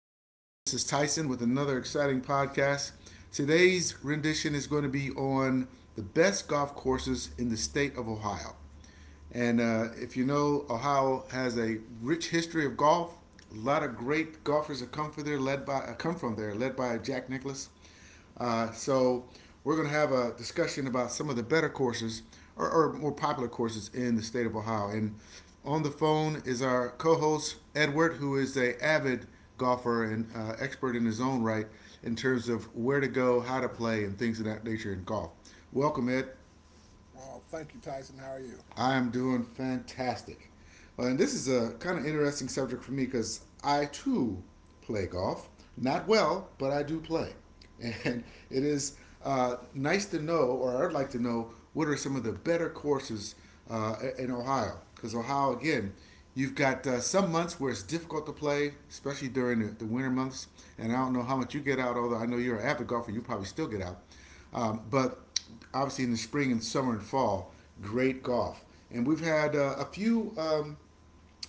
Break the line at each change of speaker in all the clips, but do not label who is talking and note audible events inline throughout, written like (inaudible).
This is Tyson with another exciting podcast. Today's rendition is going to be on the best golf courses in the state of Ohio. And if you know, Ohio has a rich history of golf. A lot of great golfers have come from there, led by Jack Nicklaus. So we're going to have a discussion about some of the better courses or more popular courses in the state of Ohio. And on the phone is our co-host Edward, who is a avid golfer and expert in his own right in terms of where to go, how to play, and things of that nature in golf. Welcome, Ed.
Well, thank you, Tyson. How are you?
I am doing fantastic. Well, and this is a kind of interesting subject for me because I too play golf. Not well, but I do play. (laughs) And it is nice to know, or I'd like to know, what are some of the better courses in Ohio? Because Ohio, again, you've got some months where it's difficult to play, especially during the winter months. And I don't know how much you get out, although I know you're an avid golfer, you probably still get out. But obviously in the spring and summer and fall, great golf. And we've had a few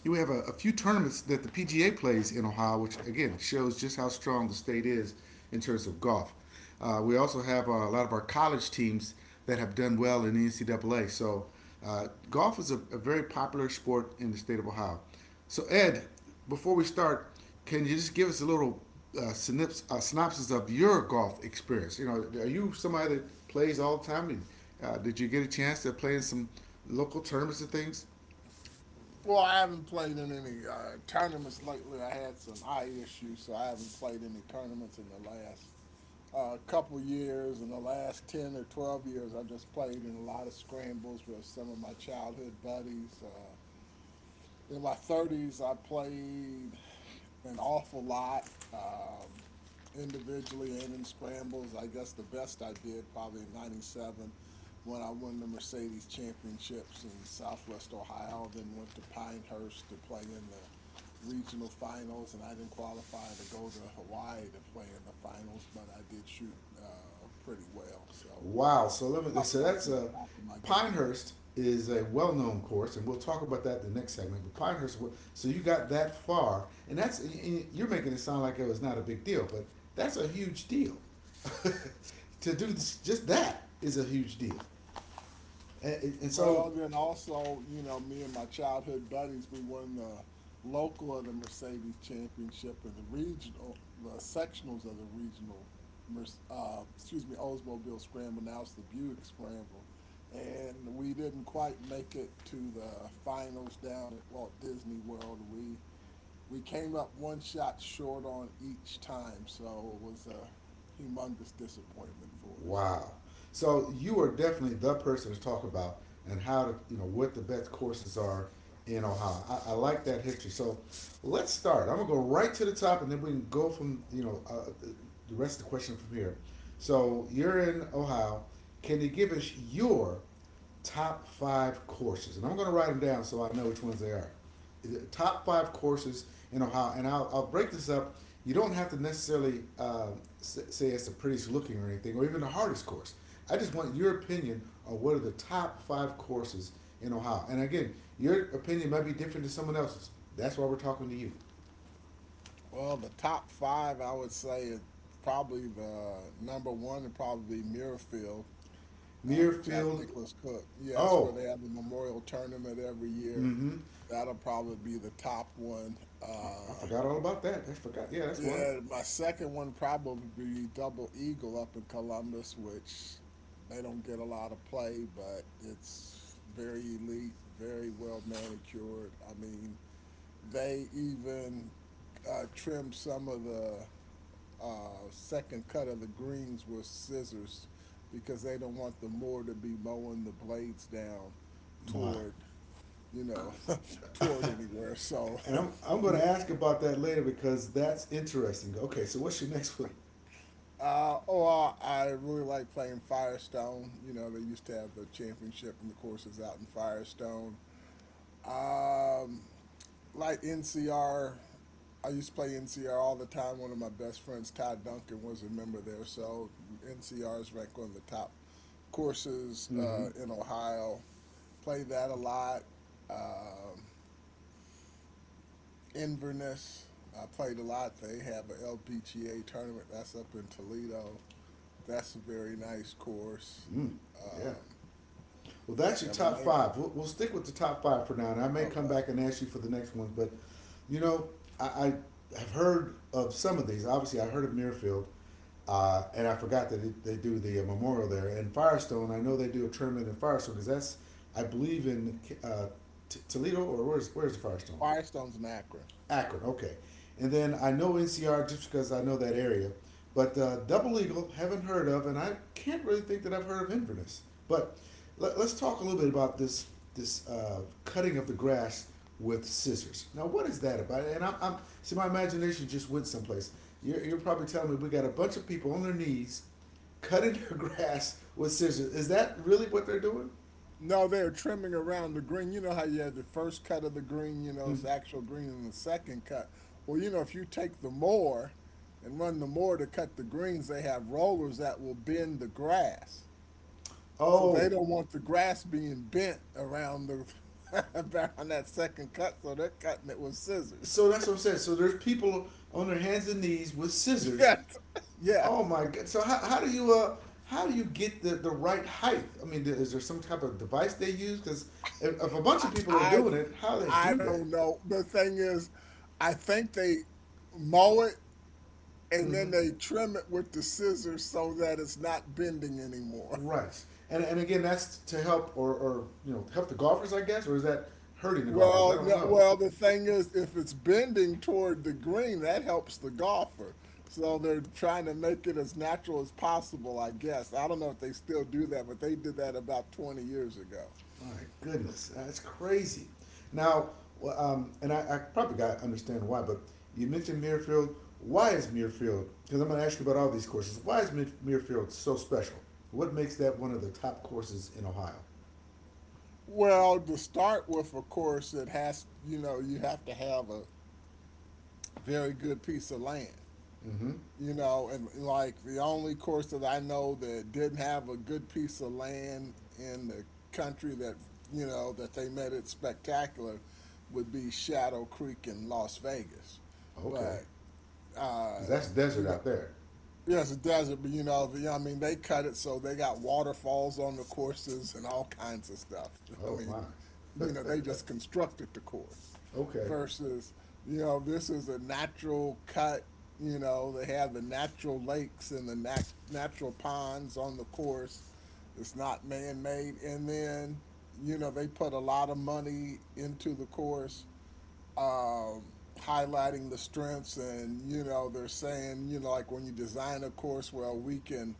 you have a few tournaments that the PGA plays in Ohio, which again shows just how strong the state is in terms of golf. We also have a lot of our college teams that have done well in the NCAA. So golf is a very popular sport in the state of Ohio. So Ed, before we start, can you just give us a little synopsis of your golf experience? You know, are you somebody that plays all the time? And did you get a chance to play in some local tournaments and things?
Well, I haven't played in any tournaments lately. I had some eye issues, so I haven't played any tournaments in the last couple years. In the last 10 or 12 years, I've just played in a lot of scrambles with some of my childhood buddies. In my 30s, I played an awful lot. Individually and in scrambles. I guess the best I did probably in '97 when I won the Mercedes Championships in Southwest Ohio, then went to Pinehurst to play in the regional finals, and I didn't qualify to go to Hawaii to play in the finals, but I did shoot pretty well. So
Wow. So let me.
probably
So
not
that's
in the
a
top of my game.
Pinehurst is a well-known course, and we'll talk about that in the next segment. But Pinehurst, so you got that far, and you're making it sound like it was not a big deal, but that's a huge deal. (laughs) to do this, just that is a huge deal, and so
Well, then also, you know, me and my childhood buddies, we won the local of the Mercedes Championship and the regional, the sectionals of the regional, excuse me, Oldsmobile Scramble. Now it's the Buick Scramble, and we didn't quite make it to the finals down at Walt Disney World. We came up one shot short on each time, so it was a humongous disappointment for us.
Wow. So you are definitely the person to talk about and how to, you know, what the best courses are in Ohio. I like that history. So let's start. I'm gonna go right to the top, and then we can go from, you know, the rest of the question from here. So you're in Ohio. Can you give us your top five courses, and I'm going to write them down so I know which ones they are. Top five courses in Ohio, and I'll break this up. You don't have to necessarily say it's the prettiest looking or anything, or even the hardest course. I just want your opinion on what are the top five courses in Ohio. And again, your opinion might be different to someone else's. That's why we're talking to you.
Well, the top five, I would say, is probably the number one would probably be Muirfield, the Jack
Muirfield.
Nicholas Cook. Yeah, that's where
Oh,
they have the memorial tournament every year.
mm-hmm.
That'll probably be the top one.
I forgot all about that. I forgot. Yeah, that's one.
Yeah, my second one probably be Double Eagle up in Columbus, which they don't get a lot of play, but it's very elite, very well manicured. I mean, they even trim some of the second cut of the greens with scissors because they don't want the mower to be mowing the blades down
Mine.
toward, you know, (laughs) toward
(laughs)
anywhere. So,
and I'm
(laughs)
going
yeah,
to ask about that later because that's interesting. Okay, so what's your next one?
or I really like playing Firestone. You know, they used to have the championship and the courses out in Firestone. Um, like NCR. I used to play NCR all the time. One of my best friends, Ty Duncan, was a member there. So NCR is ranked one of the top courses
Mm-hmm.
in Ohio. Played that a lot. Um, Inverness, I played a lot. They have an L P G a LPGA tournament that's up in Toledo. That's a very nice course.
Mm, yeah. Well, that's your
Have I
top
named?
five. We'll stick with the top five for now, and I may come
Okay.
back and ask you for the next one. But you know, I, I have heard of some of these. Obviously, I heard of Mirfield, and I forgot that it, they do the memorial there. And Firestone, I know they do a tournament in Firestone because that's I believe in Toledo or where's Firestone?
Firestone's in Akron.
Akron, okay. And then I know NCR just because I know that area. But Double Eagle, haven't heard of, and I can't really think that I've heard of Inverness. But let, us talk a little bit about this cutting of the grass with scissors. Now, what is that about? And I'm see, my imagination just went someplace. You're probably telling me we got a bunch of people on their knees cutting (laughs) their grass with scissors. Is that really what they're doing?
No, they are trimming around the green. You know how you had the first cut of the green, you know,
Mm.
it's actual green, and the second cut. Well, you know, if you take the mower and run the mower to cut the greens, they have rollers that will bend the grass. So they
Oh,
don't want the grass being bent around the (laughs) around that second cut, so they're cutting it with scissors.
so that's
(laughs)
what I'm saying. So there's people on their hands and knees with scissors.
Yes. Yes.
Oh my god! So how do you get the right height? I mean, is there some type of device they use? Because if a bunch of people are
I
doing it, how do they
I
do that?
don't know. The thing is, I think they mow it and then
Hmm.
they trim it with the scissors so that it's not bending anymore. (laughs)
Right. And again, that's to help or you know help the golfers, I guess, or is that hurting the golfers? I
Well,
don't
no,
know.
well, the thing is, if it's bending toward the green, that helps the golfer. So they're trying to make it as natural as possible, I guess. I don't know if they still do that, but they did that about 20 years ago.
My goodness, that's crazy. Now, well, and I probably got to understand why, but you mentioned Muirfield. Why is Muirfield? Because I'm going to ask you about all these courses. Why is Muirfield so special? What makes that one of the top courses in Ohio?
Well, to start with, of course, it has, you know, you have to have a very good piece of land.
Mm-hmm.
You know, and like the only course that I know that didn't have a good piece of land in the country that you know that they made it spectacular would be Shadow Creek in Las Vegas.
Okay,
But
because that's
you
desert
know,
out there.
yes, it does. But you know, I mean, they cut it so they got waterfalls on the courses and all kinds of stuff. (laughs) I
Oh
mean,
my.
you know, they
(laughs)
just constructed the course
okay.
versus, you know, this is a natural cut. You know, they have the natural lakes and the natural ponds on the course. It's not man made. And then, you know, they put a lot of money into the course highlighting the strengths, and you know they're saying you know like when you design a course well we can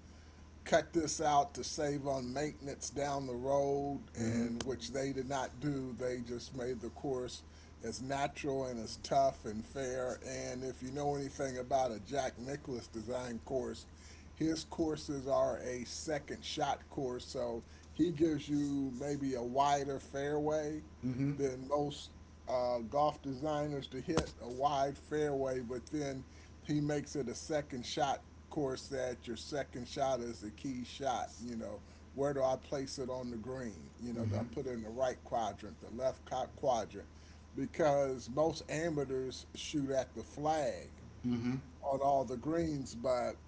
cut this out to save on maintenance down the road,
Mm-hmm.
and which they did not do. They just made the course as natural and as tough and fair. And if you know anything about a Jack Nicklaus design course, his courses are a second shot course, so he gives you maybe a wider fairway
Mm-hmm.
than most golf designers to hit a wide fairway, but then he makes it a second shot course that your second shot is a key shot. You know, where do I place it on the green? You know, do I
Mm-hmm.
put it in the right quadrant, the quadrant? Because most amateurs shoot at the flag
Mm-hmm.
on all the greens, but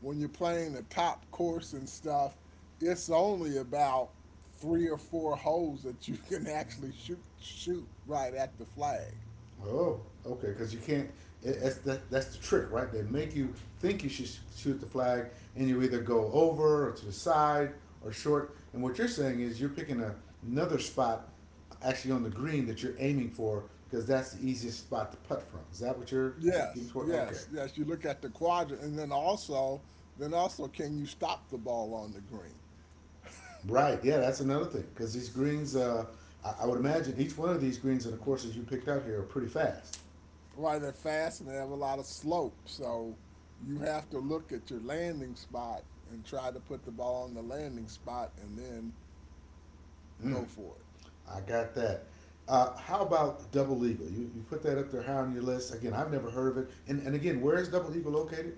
when you're playing the top course and stuff, it's only about three or four holes that you (laughs) can actually shoot right at the flag.
Oh, okay. Because you can't. It, that's the trick, right? They make you think you should shoot the flag, and you either go over or to the side or short. And what you're saying is you're picking another spot, actually on the green that you're aiming for, because that's the easiest spot to putt from. Is that what you're getting
Yes,
toward? Okay.
yes, yes. You look at the quadrant, and then also, can you stop the ball on the green?
Right. Yeah, that's another thing. Because these greens, I would imagine each one of these greens and the courses you picked out here are pretty fast.
Right, they're fast and they have a lot of slope, so you have to look at your landing spot and try to put the ball on the landing spot, and then
Mm.
go for it.
I got that. How about Double Eagle? You put that up there high on your list. Again, I've never heard of it. And again, where is Double Eagle located?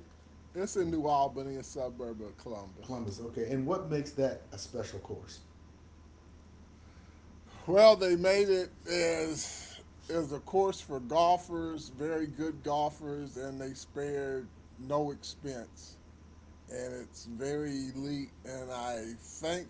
It's in New Albany, a suburb of Columbus.
Columbus. Okay. And what makes that a special course?
Well, they made it as a course for golfers, very good golfers, and they spared no expense. And it's very elite. And I think,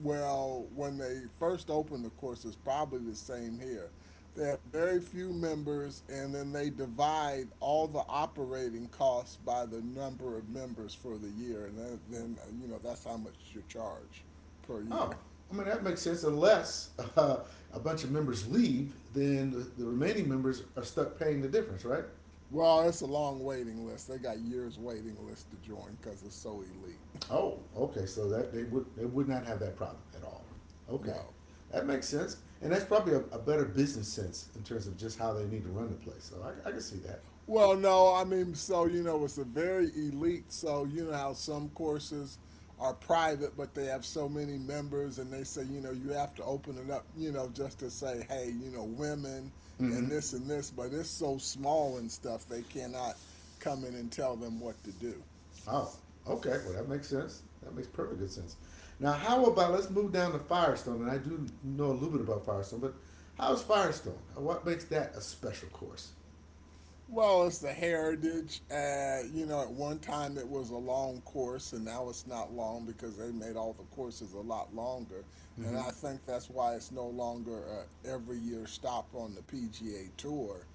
well, when they first opened the course, it's probably the same here. They have very few members, and then they divide all the operating costs by the number of members for the year, and then you know that's how much you charge per year.
Oh,
(laughs)
I mean, that makes sense. Unless uh, a bunch of members leave, then the remaining members are stuck paying the difference, right?
Well, it's a long waiting list. They got years waiting list to join because it's so elite. (laughs)
Oh, okay. So that they would not have that problem at all. Okay,
No.
that makes sense, and that's probably a better business sense in terms of just how they need to run the place. So I can see that.
Well, no, I mean, so, you know, it's a very elite. So, you know how some courses are private, but they have so many members and they say, you know, you have to open it up, you know, just to say, hey, you know, women
Mm-hmm.
and this and this. But it's so small and stuff, they cannot come in and tell them what to do.
Oh, okay. Well, that makes sense. That makes perfect good sense. Now, how about let's move down to Firestone? And I do know a little bit about Firestone, but how's Firestone? What makes that a special course?
Well, it's the heritage. You know, at one time it was a long course, and now it's not long because they made all the courses a lot longer. And
Mm-hmm.
I think that's why it's no longer a every year stop on the PGA Tour.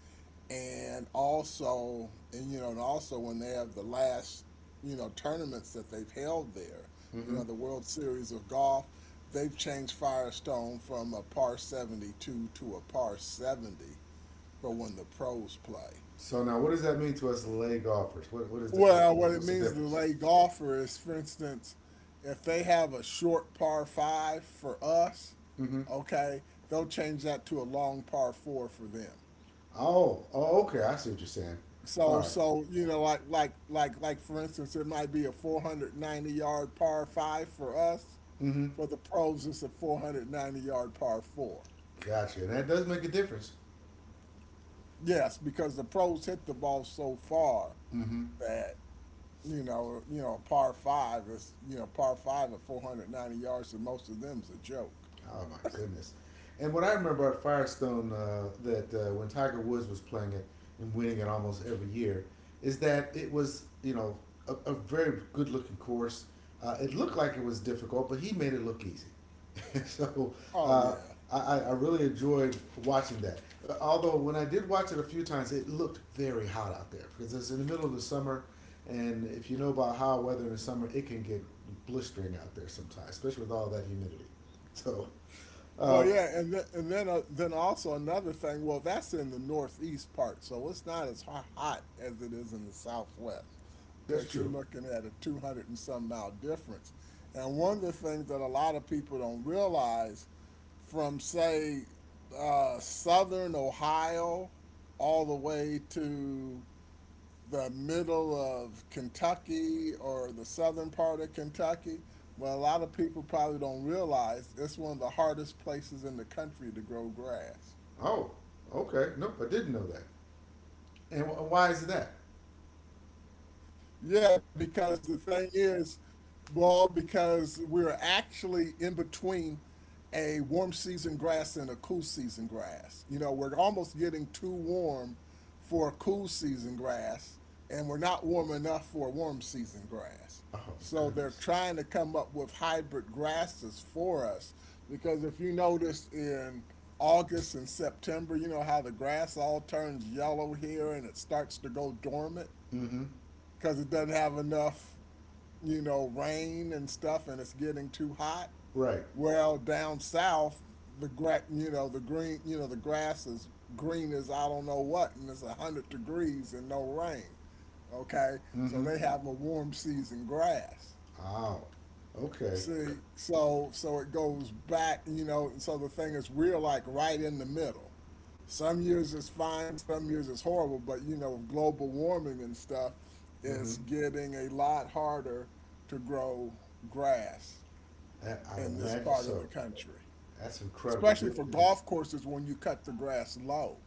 And also, and you know, and also when they have the last, you know, tournaments that they've held there, you
Mm-hmm.
know, the World Series of Golf, they've changed Firestone from a par 72 to a par 70 for when the pros play.
So now, what does that mean to us lay golfers? What is the
Well, what it
what's the
means to
difference?
lay golfer is, for instance, if they have a short par five for us,
Mm-hmm.
okay, they'll change that to a long par four for them.
Oh, oh, okay. I see what you're saying. All
So,
right,
so you know, like, for instance, it might be a 490 yard par five for us.
Mm-hmm.
For the pros, it's a 490 yard par four.
Gotcha. And that does make a difference.
Yes, because the pros hit the ball so far
Mm-hmm.
that you know, you know, par five is you know par five at 490 yards, and most of them's a joke.
Oh my goodness! And what I remember at Firestone, that when Tiger Woods was playing it and winning it almost every year, is that it was you know a very good looking course. It looked like it was difficult, but he made it look easy. (laughs) so
Oh
uh,
yeah.
I really enjoyed watching that. Although when I did watch it a few times, it looked very hot out there because it's in the middle of the summer, and if you know about how weather in the summer, it can get blistering out there sometimes, especially with all that humidity. (laughs) So
Well,
uh,
yeah, and then then also another thing. Well, that's in the northeast part, so it's not as hot as it is in the southwest,
that's
because you're
true.
looking at a 200 and some mile difference. And one of the things that a lot of people don't realize, from say southern Ohio all the way to the middle of Kentucky or the southern part of Kentucky. Well, a lot of people probably don't realize it's one of the hardest places in the country to grow grass.
Oh, okay. Nope, I didn't know that.
Yeah,
And
because
why
the
is
thing
that?
is, well, because we're actually in between a warm season grass and a cool season grass. You know, we're almost getting too warm for cool season grass, and we're not warm enough for a warm season grass. So they're
Oh,
trying to
goodness.
come up with hybrid grasses for us because if you notice in August and September, you know how the grass all turns yellow here and it starts to go dormant
Mm-hmm.
because it doesn't have enough, you know, rain and stuff and it's getting too hot.
Right.
Well, down south, you know, the green, you know, the grass is green as I don't know what, and it's 100 degrees and no rain. Okay, so
Mm-hmm.
they have a warm season grass.
Oh, okay.
See, so it goes back, you know. So the thing is, we're like right in the middle. Some years it's fine, some years it's horrible. But you know, with global warming and stuff,
Mm-hmm.
it's getting a lot harder to grow grass
I
in
would
this
imagine
part of the
so.
country
That's incredible.
especially
Th-
for
th-
golf courses when you cut the grass low.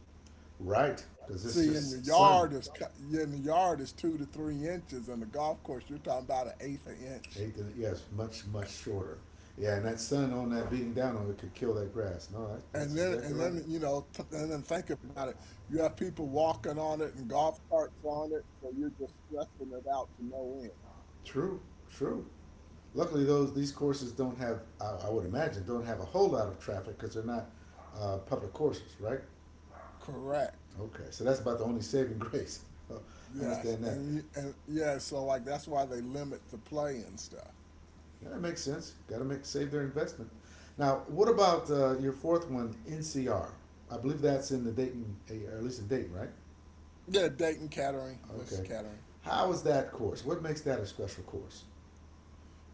Right, because it's
See,
just sun.
in the yard is 2 to 3 inches, and the golf course you're talking about an eighth of an inch.
Eighth and- Yes, much, much shorter. Yeah, and that sun on that beating down on it could kill that grass. No, that, that's
And then
exactly
and
right.
then think about it. You have people walking on it and golf carts on it, so you're just stressing it out to no end.
True, true. Luckily, those these courses don't have, I would imagine, don't have a whole lot of traffic because they're not public courses, right?
Correct.
Okay, so that's about the only saving grace. (laughs)
Yes,
Understand that?
and y- and yeah, so like that's why they limit the play and stuff.
Yeah, that makes sense. Got to make save their investment. Now, what about your fourth one, NCR? I believe that's in the Dayton, or at least in Dayton, right?
Yeah, Dayton, catering, just
Okay.
catering.
How is that course? What makes that a special course?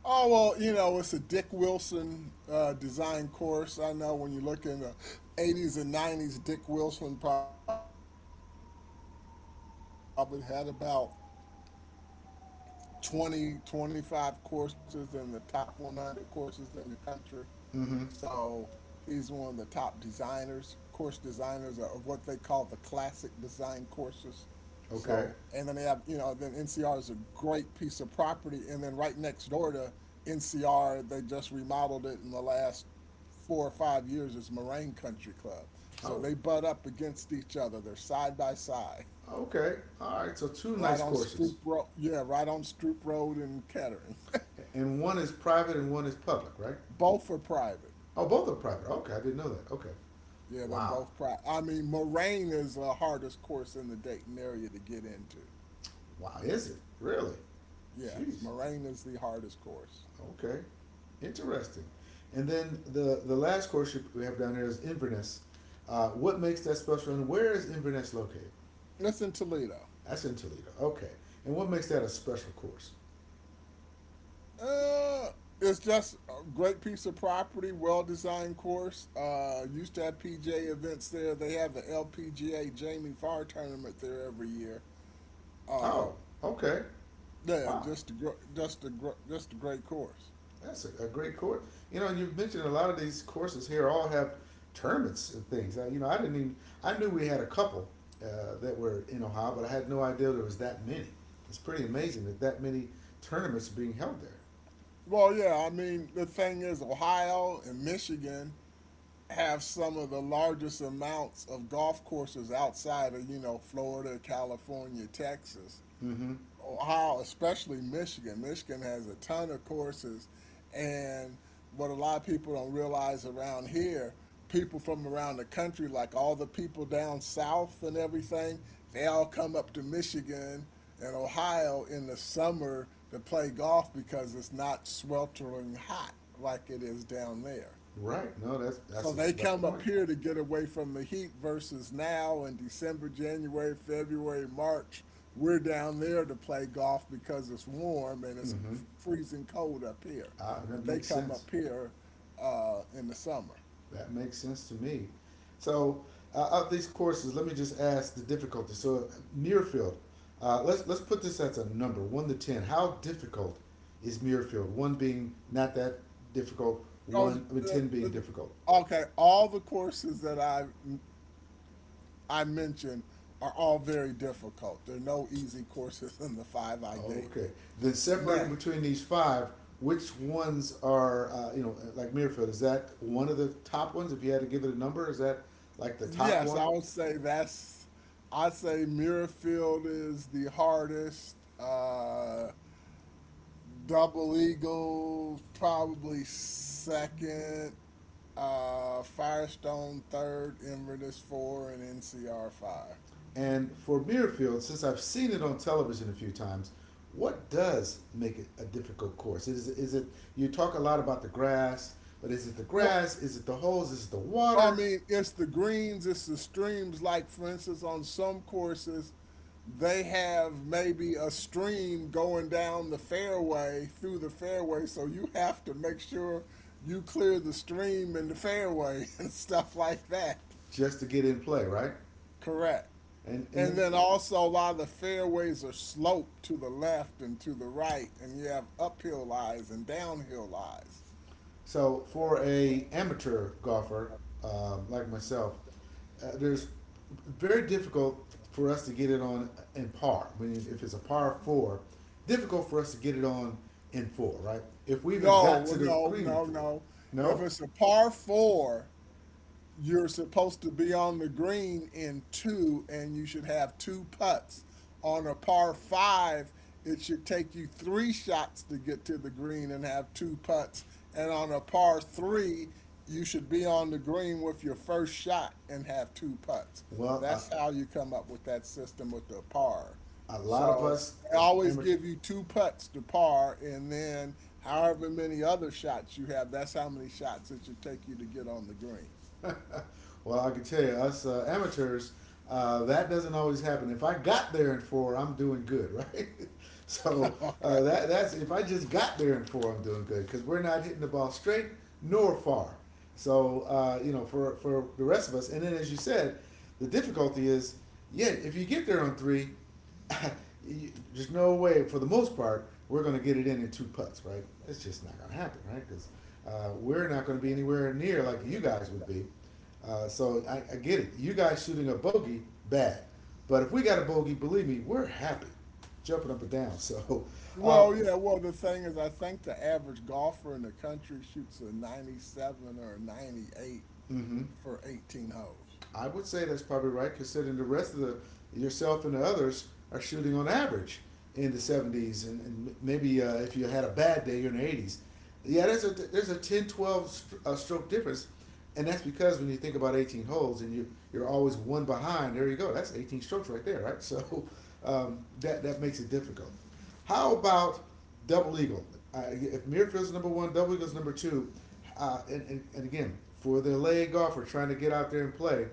Oh well, you know it's a Dick Wilson design course. I know when you look in the '80s and '90s, Dick Wilson probably had about 20, 25 courses in the top 100 courses in the country. So he's one of the top designers, course
Mm-hmm.
designers of what they call the classic design courses. So, and then they have, then NCR is a
Okay.
great piece of property. And then right next door to NCR, they just remodeled it in the last 4 or 5 years, is Moraine Country Club. So they butt up
Oh,
against each other. They're side by side.
okay. All right. So
Right
two
on
nice
Stroop
courses,
Road. Yeah, right on Stroop Road in Kettering. (laughs)
and one is private and one is public, right?
Both are private.
Oh, both are private. Okay, I didn't know that. Okay.
Yeah, they're
Wow.
both private. I mean, Moraine is the hardest course in the Dayton area to get into.
Wow. Is it really?
Yes,
Jeez.
Moraine is the hardest course.
Okay. Interesting. And then the last course we have down here is Inverness. What makes that special, and where is Inverness located?
It's in Toledo.
That's in Toledo. Okay. And what makes that a special course?
Uh, it's just a great piece of property, well designed course. Used to have PGA events there. They have the LPGA Jamie Farr tournament there every year.
Oh, okay.
Yeah,
Wow.
just a great course.
That's a great course. You know, and you've mentioned a lot of these courses here all have tournaments and things. I, you know, I didn't even, I knew we had a couple that were in Ohio, but I had no idea there was that many. It's pretty amazing that that many tournaments are being held there.
Well, yeah, I mean the thing is, Ohio and Michigan have some of the largest amounts of golf courses outside of you know Florida, California, Texas.
Mm-hmm.
Ohio, especially Michigan. Michigan has a ton of courses, and what a lot of people don't realize around here, people from around the country, like all the people down south and everything, they all come up to Michigan and Ohio in the summer to play golf because it's not sweltering hot like it is down there.
Right. No, that's
So
a,
they
that
come up
point.
here to get away from the heat versus now in December, January, February, March. We're down there to play golf because it's warm and it's
Mm-hmm.
freezing cold up here. But
That
they
makes
come
sense.
up here in the summer.
That makes sense to me. So, of these courses, let me just ask the difficulty. So, Muirfield, let's put this as a number, one to ten. How difficult is Muirfield? One being not that difficult,
Oh,
one I mean
uh,
ten being difficult.
okay, all the courses that I mentioned are all very difficult. There are no easy courses in the five I gave
Okay.
you.
Then separating
None.
between these five, which ones are like Muirfield? Is that one of the top ones? If you had to give it a number, is that like the top
Yes, I
one?
would say that's. I say Muirfield is the hardest. Double Eagle probably second. Firestone third. Inverness four and NCR five.
And for Mirfield, since I've seen it on television a few times, what does make it a difficult course? You talk a lot about the grass, but is it the
Well,
grass? Is it the holes? Is it the
I
water?
mean, it's the greens, it's the streams. Like, for instance, on some courses, they have maybe a stream going down the fairway, through the fairway. So you have to make sure you clear the stream and the fairway (laughs) and stuff like that.
Just to get in play, right?
Correct.
And, and you
And
know,
then also, a lot of the fairways are sloped to the left and to the right, and you have uphill lies and downhill lies.
So for a amateur golfer like myself, there's very difficult for us to get it on in par. If it's a par four, difficult for us to get it on in four, right? If we even
No,
got
well,
to the
no,
green in
no,
four,
no. If
no.
it's a par four, you're supposed to be on the green in two, and you should have two putts. On a par five, it should take you three shots to get to the green and have two putts. And on a par three, you should be on the green with your first shot and have two putts.
Well,
That's how you come up with that system with the par.
a lot of
So
us
they always
amateur.
give you two putts to par, and then however many other shots you have, that's how many shots it should take you to get on the green.
Well, I can tell you, us amateurs, that doesn't always happen. If I got there in four, I'm doing good, right? (laughs) so that that's if I just got there in four, I'm doing good because we're not hitting the ball straight nor far. So you know, for the rest of us, and then as you said, the difficulty is, yeah, if you get there on three, (laughs) you, there's no way. For the most part, we're going to get it in two putts, right? It's just not going to happen, right? Because we're not going to be anywhere near like you guys would be. So I get it. You guys shooting a bogey, bad. But if we got a bogey, believe me, we're happy, jumping up and down. (laughs) So, uh,
Well, yeah, well, the thing is, I think the average golfer in the country shoots a 97 or a 98
mm-hmm.
for 18 holes.
I would say that's probably right, considering the rest of the yourself and the others are shooting on average in the 70s, and, maybe if you had a bad day, you're in the 80s. Yeah, there's a 10, 12 stroke difference, and that's because when you think about 18 holes and you're always one behind. There you go. That's 18 strokes right there, right? (laughs) So that makes it difficult. How about Double Eagle? If Mirfield's number one, Double Eagle's number two, and again, for the LA golfer trying to get out there and play,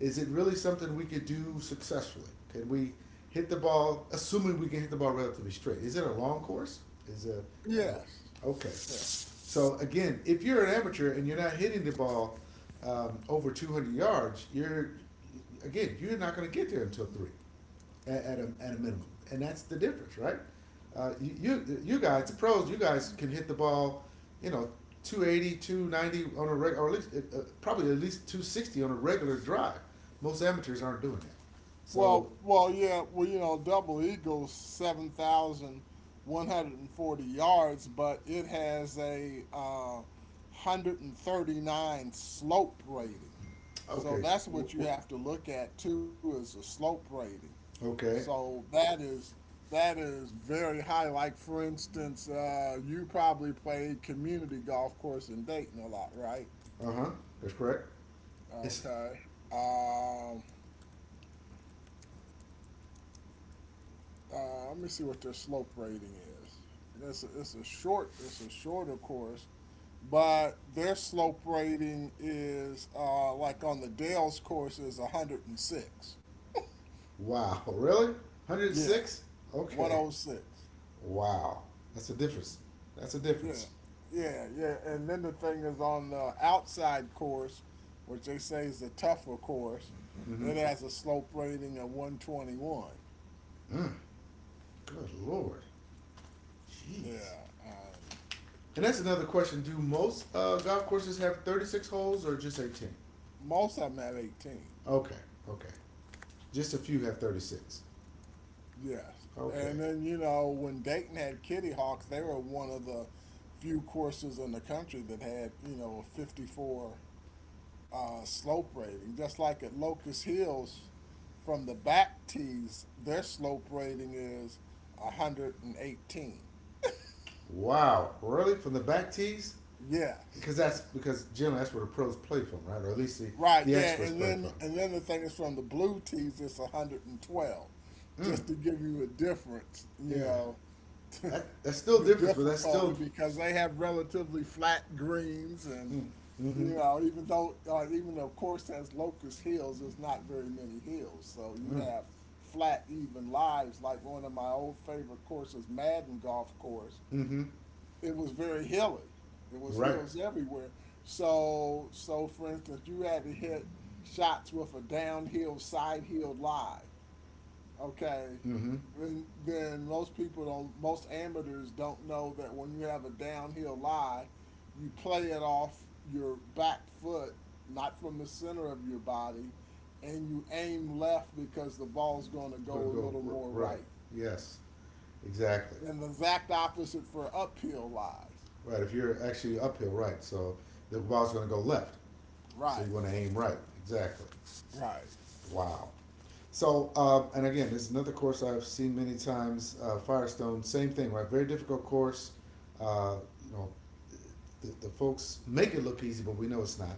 is it really something we could do successfully? Can we hit the ball, assuming we can hit the ball relatively straight? Is it a long course? Is it, you
Yes.
know, okay.
Yeah.
So again, if you're an amateur and you're not hitting the ball over 200 yards, you're, again, you're not going to get there until three at a minimum, and that's the difference, right? You you guys, the pros, you guys can hit the ball, you know, 280, 290 on a reg, or at least probably at least 260 on a regular drive. Most amateurs aren't doing that. So,
Well, yeah, well, you know, double eagles 7,140 yards, but it has a 139 slope rating. So
okay,
that's
w-
what you
w-
have to look at too is the slope rating.
okay,
So that is very high. Like for instance, you probably played Community Golf Course in Dayton a lot, right?
uh huh, that's correct. It's
Okay. Um, Let me see what their slope rating is. It's a shorter course, but their slope rating is like on the Dales course is 106.
wow, (laughs) really,
Yeah,
106? Okay,
106.
wow, that's a difference. That's a
Yeah,
difference.
yeah, yeah. And then the thing is on the outside course, which they say is the tougher course,
Mm-hmm.
it has a slope rating of 121.
Mm, good lord, jeez.
Yeah, um,
And that's another question. Do most golf courses have 36 holes or just 18?
most of them have 18.
Okay, okay. Just a few have 36.
Yes.
Okay.
And then, you know, when Dayton had Kitty Hawk, they were one of the few courses in the country that had, you know, a 54 slope rating. Just like at Locust Hills, from the back tees, their slope rating is 118.
Wow. Really? From the back tees?
Yes,
Because that's because generally that's where the pros play from, right? Or at least
right,
the
yeah,
experts
and
play from.
then the thing is from the blue tees, it's 112,
Mm.
just to give you a difference, you
Yeah.
know.
That, that's still
The
different, but that's
difficulty
still.
because they have relatively flat greens and
Mm. Mm-hmm.
you know even though course has Locust Hills, there's not very many hills, so you
Mm.
have flat even lives. Like one of my old favorite courses, Madden Golf Course,
Mm-hmm.
it was very hilly. It
You're
was
right.
hills everywhere. So for instance, you had to hit shots with a downhill side hill lie. Okay.
Mm-hmm. I'm
Then, most people don't, most amateurs don't know that when you have a downhill lie, you play it off your back foot, not from the center of your body, and you aim left because the ball's going to
gonna
go a
go
little more
right.
right.
Yes. Exactly.
And the exact opposite for uphill lies.
Right. If you're actually uphill, right. So the ball's gonna go left. So
Right,
you want to aim right. Exactly.
right.
Wow. So, and again, this is another course I've seen many times. Firestone, same thing, right? Very difficult course. Uh, you know, the folks make it look easy, but we know it's not.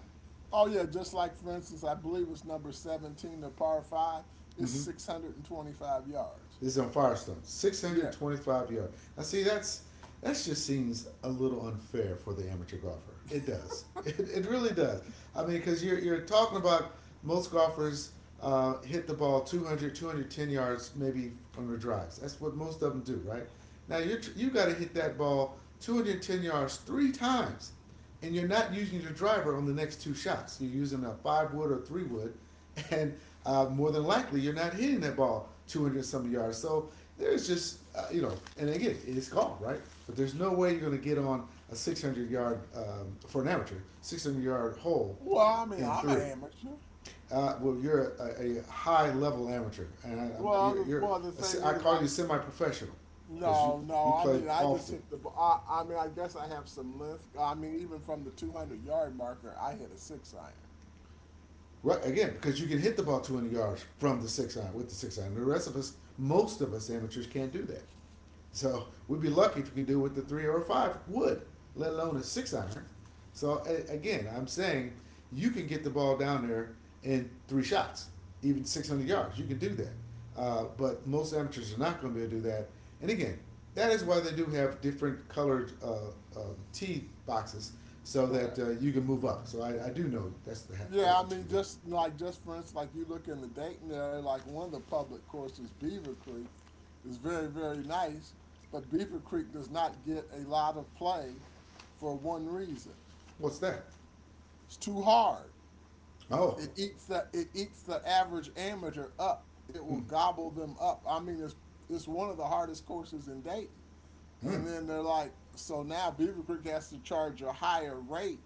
Oh, yeah, just like, for instance, I believe it's number 17, the par 5, it's
Mm-hmm.
625 yards.
This is on Firestone.
Yeah,
625 yards. Now, see, that's that just seems a little unfair for the amateur golfer. It does. (laughs) It really does. I mean, because you're talking about most golfers hit the ball 200, 210 yards maybe on their drives. That's what most of them do, right? Now, you got to hit that ball 210 yards three times and you're not using your driver on the next two shots. You're using a five wood or three wood, (laughs) and more than likely you're not hitting that ball 200 some yards. So there's just you know, and again, it's called right, but there's no way you're going to get on a 600 yard for an amateur 600-yard hole
well, I mean,
in
I'm an
three.
amateur.
Well, you're a high level amateur, and I, I'm,
Well, the,
you're a, I am
well, the thing
you are I
is,
call you
like,
semi professional because you
no,
you
no. I
play
mean, I just
often.
hit the. I mean, I guess I have some length. I mean, even from the 200-yard marker, I hit a six iron.
Right again, because you can hit the ball 200 yards from the six iron with the six iron. The rest of us, most of us amateurs, can't do that. So we'd be
Co-
lucky if you can do it with the three or a five wood, let alone a six iron. So again, I'm saying you can get the ball down there in three shots, even 600 yards. You can do that. But most amateurs are not going to be able to do that. And again, that is why they do have different colored uh, tee boxes so that
Correct.
you can move up. So I do know that's the, that's
Yeah, I
what you
mean,
can do.
just like just for instance, like you look in the Dayton area, like one of the public courses, Beaver Creek, is very very nice, but Beaver Creek does not get a lot of play for one reason:
What's that?
it's too hard.
Oh,
It eats the average amateur up. It will
mm,
gobble them up. I mean, it's one of the hardest courses in Dayton.
mm,
And then they're like, so now Beaver Creek has to charge a higher rate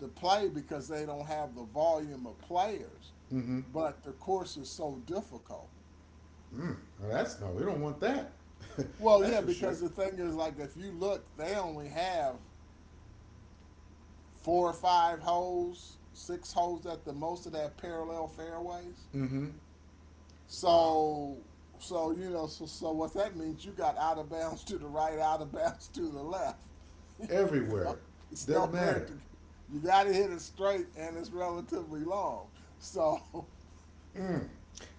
to play because they don't have the volume of players.
mm-hmm,
But the course is so difficult.
mm. Well, that's no, we don't want that.
Well,
That's
yeah,
for sure.
because the thing is, like, if you look, they only have four or five holes, six holes at the most of that parallel fairways.
Mm-hmm. Wow.
So, so, you know, so what that means, you got out of bounds to the right, out of bounds to the left. (laughs) You know,
Everywhere.
it's
Doesn't
nowhere
matter.
to. You got to hit it straight, and it's relatively long. So, (laughs)
Mm.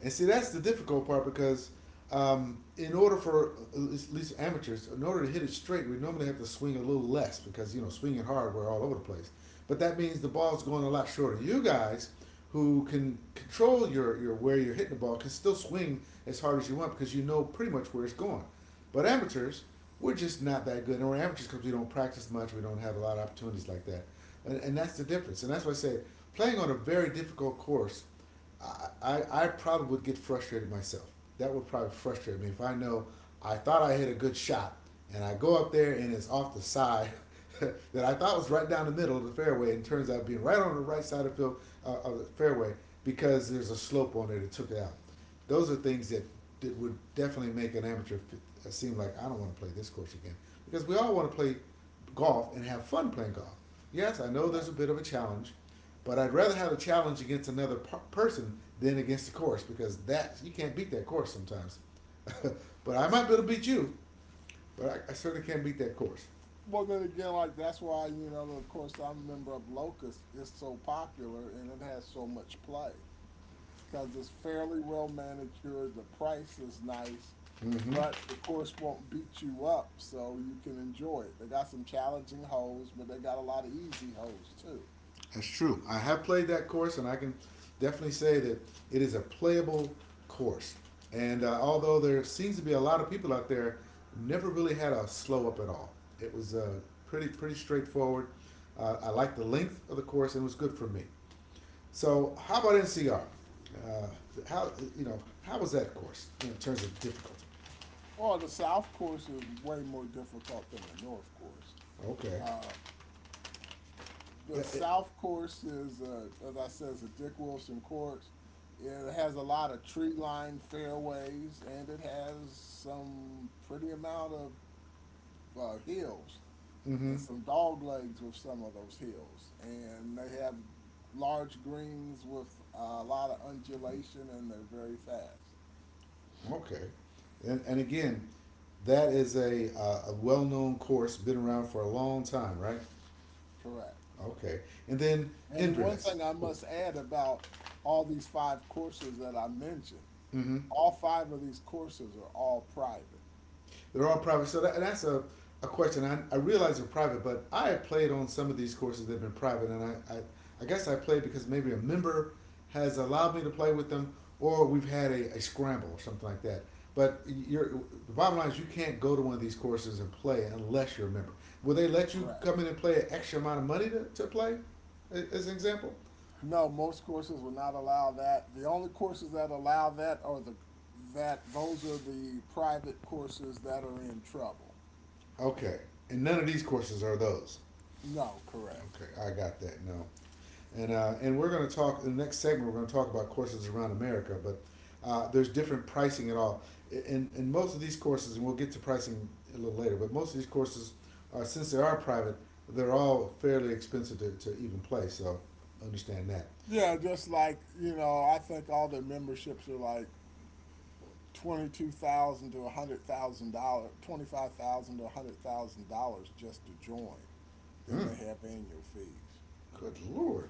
And see, that's the difficult part because in order for at least amateurs, in order to hit it straight, we normally have to swing a little less because you know swinging hard, we're all over the place. But that means the ball's going a lot shorter. You guys who can control your where you're hitting the ball can still swing as hard as you want because you know pretty much where it's going. But amateurs, we're just not that good. And we're amateurs because we don't practice much. We don't have a lot of opportunities like that. And that's the difference. And that's why I say playing on a very difficult course– I probably would get frustrated myself. That would probably frustrate me if I know I thought I hit a good shot and I go up there and it's off the side (laughs) that I thought was right down the middle of the fairway and turns out being right on the right side of the, field, of the fairway because there's a slope on it that took it out. Those are things that, that would definitely make an amateur seem like I don't want to play this course again because we all want to play golf and have fun playing golf. Yes, I know
right.
there's a bit of a challenge, but I'd rather have a challenge against another person than against the course because that you can't beat that course sometimes. (laughs) but I might be able to beat you, but I certainly can't beat that course.
Well, then again, like that's why you know, of course, I'm a member of Locust. It's so popular, and it has so much play. Because it's fairly well manicured. The price is nice, but
Mm-hmm.
the course won't beat you up, so you can enjoy it. They got some challenging holes, but they got a lot of easy holes too.
That's true. I have played that course, and I can definitely say that it is a playable course. And although there seems to be a lot of people out there, never really had a slow up at all. It was pretty straightforward. I liked the length of the course, and it was good for me. So how about NCR? Uh, how you know how was that course in terms of difficulty?
Oh, the South course is way more difficult than the North course.
Okay.
The
Yeah, it,
South course is, as I said, is a Dick Wilson course. It has a lot of tree-lined fairways, and it has some pretty amount of hills.
mm-hmm.
And some dog legs with some of those hills. And they have large greens with a lot of undulation and they're very fast.
Okay. And again, that is a well known course, been around for a long time, right?
Correct.
Okay. And then
And the one
Inverness.
thing I
Oh,
must add about all these five courses that I mentioned,
mm-hmm.
all five of these courses are all private.
They're all private. So that, that's a question. I realize they're private, but I have played on some of these courses that have been private, and I guess I played because maybe a member has allowed me to play with them, or we've had a scramble or something like that. But you're, the bottom line is you can't go to one of these courses and play unless you're a member. Will they let you
Correct.
come in and play an extra amount of money to play, as an example?
No, most courses will not allow that. The only courses that allow that are the that those are the private courses that are in trouble.
Okay. And none of these courses are those.
No, correct.
Okay, I got that. No. And we're going to talk in the next segment. We're going to talk about courses around America, but there's different pricing at all. And most of these courses, and we'll get to pricing a little later, but most of these courses are since they are private, they're all fairly expensive to even play. So understand that.
Yeah, just like, you know, I think all their memberships are like 22,000 to $100,000, 25,000 to $100,000 just to join. Then
Mm,
they have annual fees.
good lord.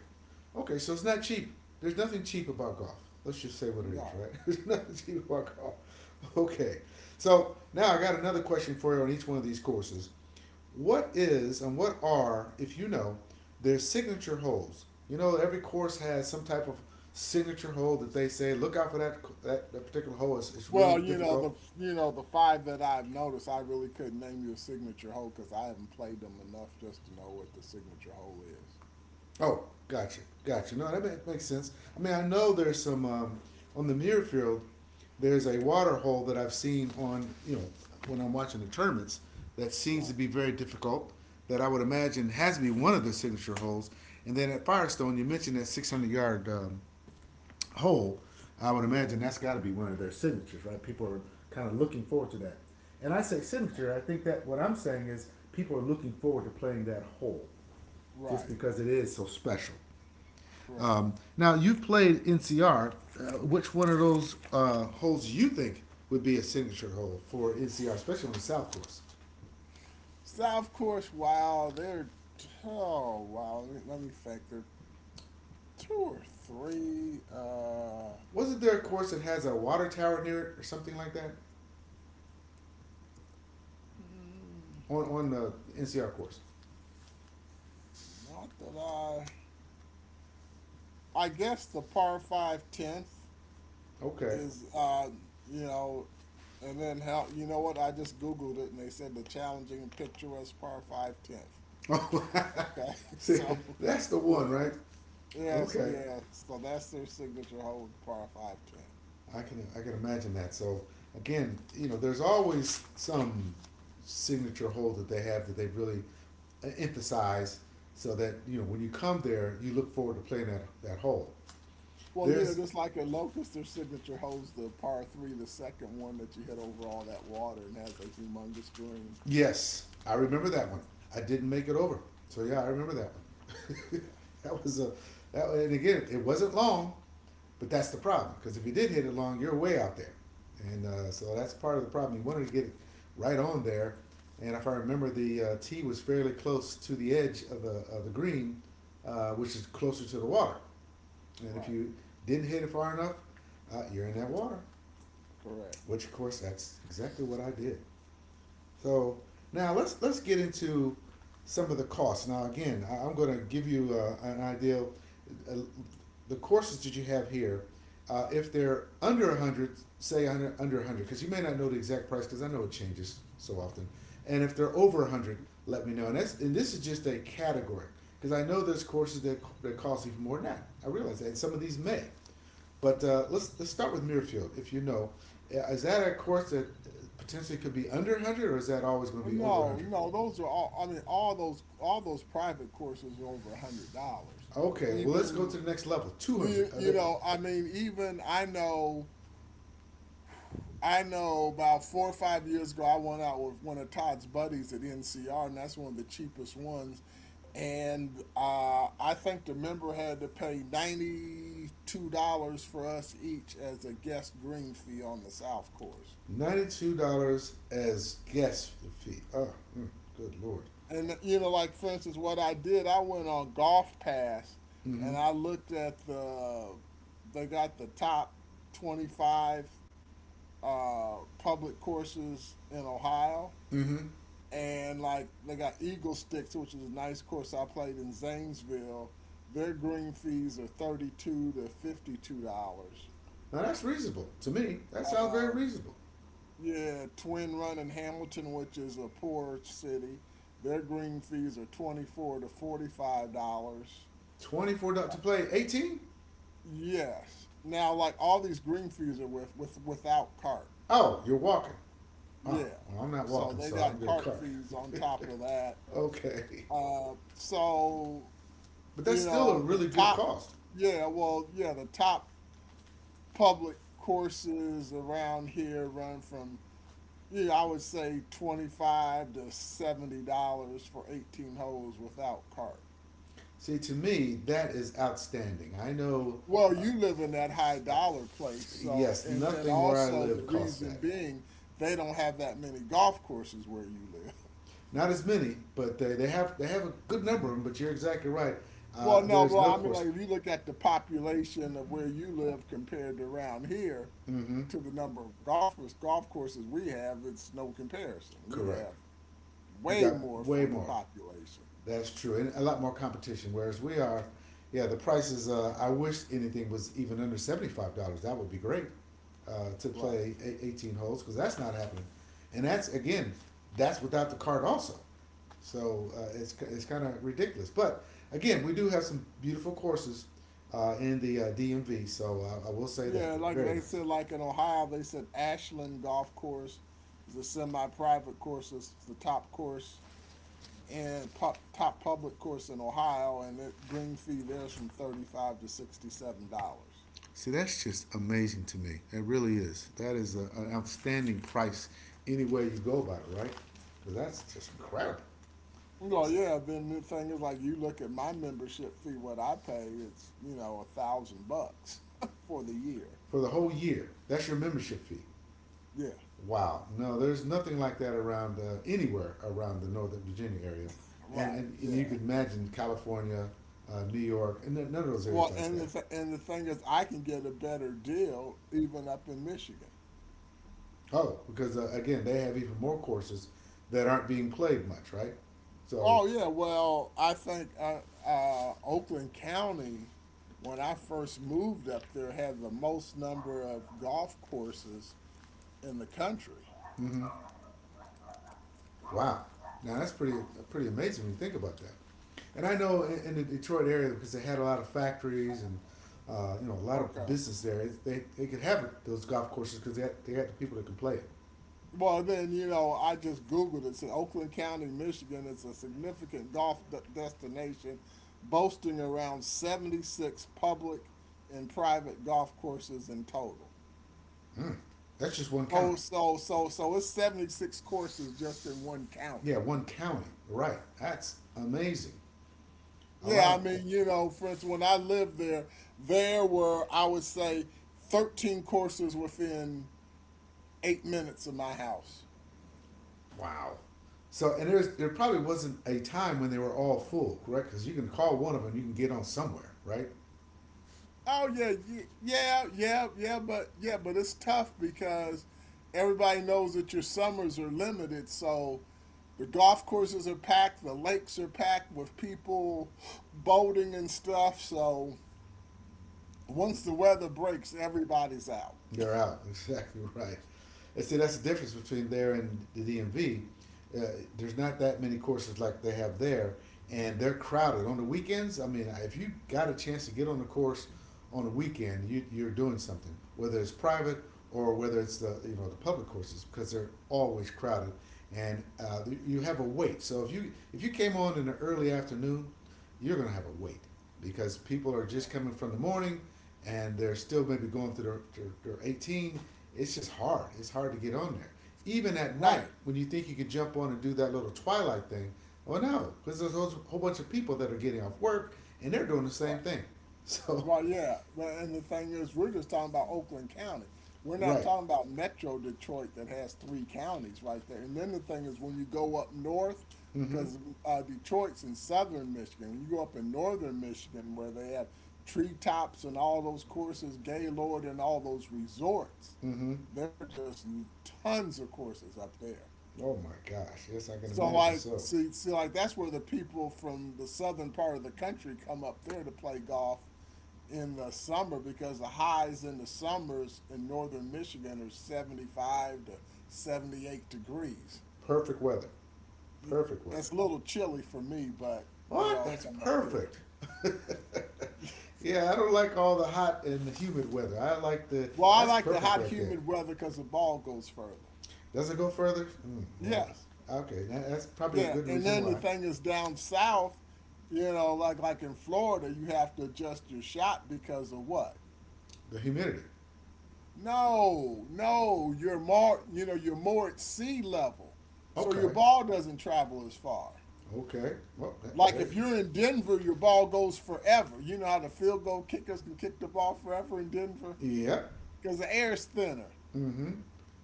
Okay, so it's not cheap. There's nothing cheap about golf. Let's just say what it is,
No.
right? (laughs) There's nothing cheap about golf. Okay. So now I got another question for you on each one of these courses. What is and what are, if you know, their signature holes? You know, every course has some type of signature hole that they say, look out for that particular hole. It's really
Well, you know
difficult.
the you know the five that I've noticed, I really couldn't name you a signature hole because I haven't played them enough just to know what the signature hole is.
Oh, gotcha, gotcha. No, makes sense. I mean, I know there's some on the Muirfield. There's a water hole that I've seen on you know when I'm watching the tournaments that seems to
Right.
be very difficult. That I would imagine has to be one of the signature holes. And then at Firestone, you mentioned that 600 yard whole, I would
Yeah.
imagine that's got to be one of their signatures, right? People are kind of looking forward to that. And I say signature, I think that what I'm saying is people are looking forward to playing that whole just
Right.
because it is so special.
Correct.
Now, you've played NCR. Which one of those holes you think would be a signature hole for NCR, especially on the South Course?
South Course. Wow. They're oh wow. Let me think. They're two or three.
Wasn't there a course that has a water tower near it or something like that on the NCR course?
Not that I. I guess the par five tenth
Okay.
is, you know. And then how you know what? I just googled it and they said the challenging and picturesque par five tenth.
Oh,
Okay,
(laughs)
(laughs)
see,
so
that's the one,
yeah,
right?
yeah, so
Okay,
yeah, so that's their signature hole with the par five tenth.
I can imagine that. So again, you know, there's always some signature hole that they have that they really emphasize, so that you know when you come there, you look forward to playing that hole.
Well, you know,
There's
just like a locust, their signature holds the par three, the second one that you hit over all that water and has a humongous green.
Yes, I remember that one. I didn't make it over, so yeah, I remember that one.
Yeah,
(laughs) That was a that, and again, it wasn't long, but that's the problem because if you did hit it long, you're way out there, and so that's part of the problem. You wanted to get it right on there, and if I remember, the tee was fairly close to the edge of the green, which is closer to the water, and if
right.
you didn't hit it far enough, you're in that water,
Correct.
which of course that's exactly what I did. So now let's get into some of the costs. Now again, I am going to give you an idea. Uh, the courses that you have here, if they're under a hundred, say under a hundred, because you may not know the exact price because I know it changes so often. And if they're over a hundred, let me know. And this is just a category because I know there's courses that cost even more than that. I realize that and some of these may. But let's start with Muirfield. If you know, is that a course that potentially could be under 100, or is that always going to be over
No,
100?
no, those are all. I mean, all those private courses are over $100.
Okay, well let's go to
Even
the next level.
you,
200. Are
you
there
know, I mean, I know. About 4 or 5 years ago, I went out with one of Todd's buddies at NCR, and that's one of the cheapest ones. And I think the member had to pay $92 for us each as a guest green fee on the South Course.
$92 as guest fee? Oh, mm, good lord.
And you know, like for instance, what I did, I went on Golf Pass
Mm-hmm.
and I looked at they got the top 25 public courses in Ohio,
Mm-hmm.
and like they got Eagle Sticks, which is a nice course I played in Zanesville. Their green fees are thirty two to fifty two dollars.
Now that's reasonable to me. That sounds very
Um,
reasonable.
yeah, Twin Run in Hamilton, which is a poor city, their green fees are twenty four to forty five dollars.
$24 to play 18?
Yes. Now, like all these green fees are with without cart.
Oh, you're walking. Oh,
Yeah.
well I'm not
So
walking,
they
so I'm
got
gonna
cart
cart.
fees on top of that.
(laughs) Okay,
So
but that's
you
still a
know the
really good
top.
cost.
Yeah. Well, yeah. The top public courses around here run from yeah I would say twenty five to seventy dollars for 18 holes without cart.
See, to me, that is outstanding. I know,
Well,
uh,
you live in that high
uh,
dollar place, so
yes,
and then
nothing where I
also
live
the
costs
reason
that.
being they don't have that many golf courses where you live. (laughs)
Not as many, but they have a good number of them. But you're exactly right.
Well, no,
There's
well,
no
I mean,
course.
like if you look at the population of where you live compared to around here
Mm-hmm.
to the number of golfers, golf courses we have, it's no comparison. We have
Correct. You
way
got
more
way
for the
more.
population.
That's true, and a lot more competition. Whereas we are, yeah, the prices. I wish anything was even under $75. That would be great to
Right.
play 18 holes because that's not happening, and that's again, that's without the cart also. So it's kind of ridiculous. But again, we do have some beautiful courses in the DMV. So I will say
Yeah,
that they're
like
very
they
nice.
said, like in Ohio, they said Ashland Golf Course is a semi-private course. It's the top course and top public course in Ohio, and it green fee there's from thirty five to sixty seven dollars.
See, that's just amazing to me. It really is. That is a, an outstanding price any way you go by, it, right? 'Cause that's just incredible.
You go, yeah. Then the thing is, like, you look at my membership fee, what I pay, it's you know 1,000 bucks (laughs) for the year.
For the whole year, that's your membership fee.
Yeah,
Wow. No, there's nothing like that around anywhere around the Northern Virginia area. And,
right.
and, and
Yeah.
you could imagine California, New York, and none of those areas
Well,
like
and
that.
the thing is, I can get a better deal even up in Michigan.
Oh, because again, they have even more courses that aren't being played much, right? So,
Oh yeah, well, I think Oakland County, when I first moved up there, had the most number of golf courses in the country.
mhm. Wow. Now that's pretty amazing when you think about that. And I know in the Detroit area because they had a lot of factories and you know a lot of
Okay.
business there. They could have those golf courses because they had the people that can play it.
Well, then you know, I just Googled it. Said Oakland County, Michigan is a significant golf destination, boasting around 76 public and private golf courses in total.
Mm. That's just one
So,
county.
so, so, so it's 76 courses just in one
Yeah,
county.
one county. Right. That's amazing. A lot
Yeah,
of
I
them.
mean, you know, for instance, when I lived there, there were, I would say, 13 courses within 8 minutes of my house.
Wow. So and there's there probably wasn't a time when they were all full, correct? Because you can call one of them, you can get on somewhere, right?
Oh, yeah, yeah, yeah, yeah, but yeah, but it's tough because everybody knows that your summers are limited. So the golf courses are packed, the lakes are packed with people boating and stuff. So once the weather breaks, everybody's out.
You're out. (laughs) Exactly right. And see, that's the difference between there and the DMV. Uh, there's not that many courses like they have there, and they're crowded on the weekends. I mean, if you got a chance to get on a course on a weekend, you're doing something, whether it's private or whether it's the you know the public courses, because they're always crowded, and you have a wait. So if you came on in the early afternoon, you're going to have a wait because people are just coming from the morning and they're still maybe going through their 18. It's just hard. It's hard to get on there. Even at night,
Right,
when you think you could jump on and do that little twilight thing, well, no, because there's a whole bunch of people that are getting off work and they're doing the
right.
same thing. (laughs) So,
Well, yeah, but and the thing is, we're just talking about Oakland County. We're not
right.
talking about Metro Detroit that has three counties right there. And then the thing is, when you go up north,
Mm hmm.
because Detroit's in southern Michigan, when you go up in northern Michigan where they have treetops and all those courses, Gaylord and all those resorts,
Mm hmm.
there are just tons of courses up there.
Oh my gosh. Yes, I can
So
imagine.
like,
So,
like that's where the people from the southern part of the country come up there to play golf in the summer because the highs in the summers in northern Michigan are 75 to 78 degrees.
perfect weather. Perfect
It's
weather.
a little chilly for me, but they
What?
all
That's
come up there.
perfect. (laughs) Yeah, I don't like all the hot and the humid weather. I like the.
Well, I
That's
like the
perfect
hot,
right there.
humid weather because the ball goes further.
Does it go further? Mm, well,
Yes.
okay. That's probably a
Yeah.
good
And
reason
then the
why.
thing is down south, you know, like in Florida, you have to adjust your shot because of what?
The humidity.
No, no, you're more at sea level. So your
Okay.
ball doesn't travel as far.
Okay. Well, that,
Like
there.
if you're in Denver, your ball goes forever. You know how the field goal kickers can kick the ball forever in Denver?
Yep.
Because the air's thinner
Mm-hmm.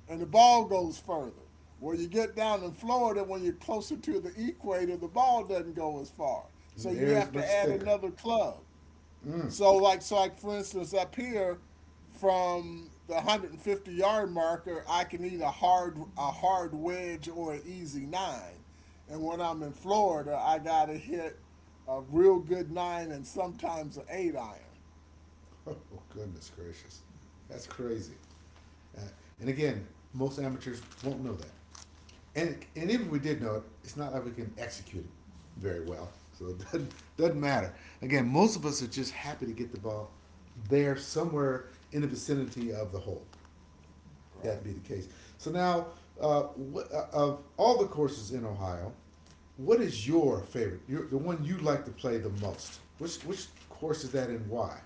and the ball goes further. Well, you get down in Florida, when you're closer to the equator, the ball doesn't go as far.
And
So
the
you
air is
have
much
to add
thicker.
another club.
Mm. (laughs)
So like for instance up here from the 150 yard marker, I can eat a hard wedge or an easy nine. And when I'm in Florida, I gotta hit a real good nine and sometimes an eight iron.
Oh goodness gracious. That's crazy. Uh, and again, most amateurs won't know that. And even if we did know it, it's not like we can execute it very well. So it doesn't matter. Again, most of us are just happy to get the ball there somewhere in the vicinity of the hole. That'd
Right.
be the case. So now, uh, of all the courses in Ohio, what is your favorite? Your, the one you like to play the most? Which course is that and why?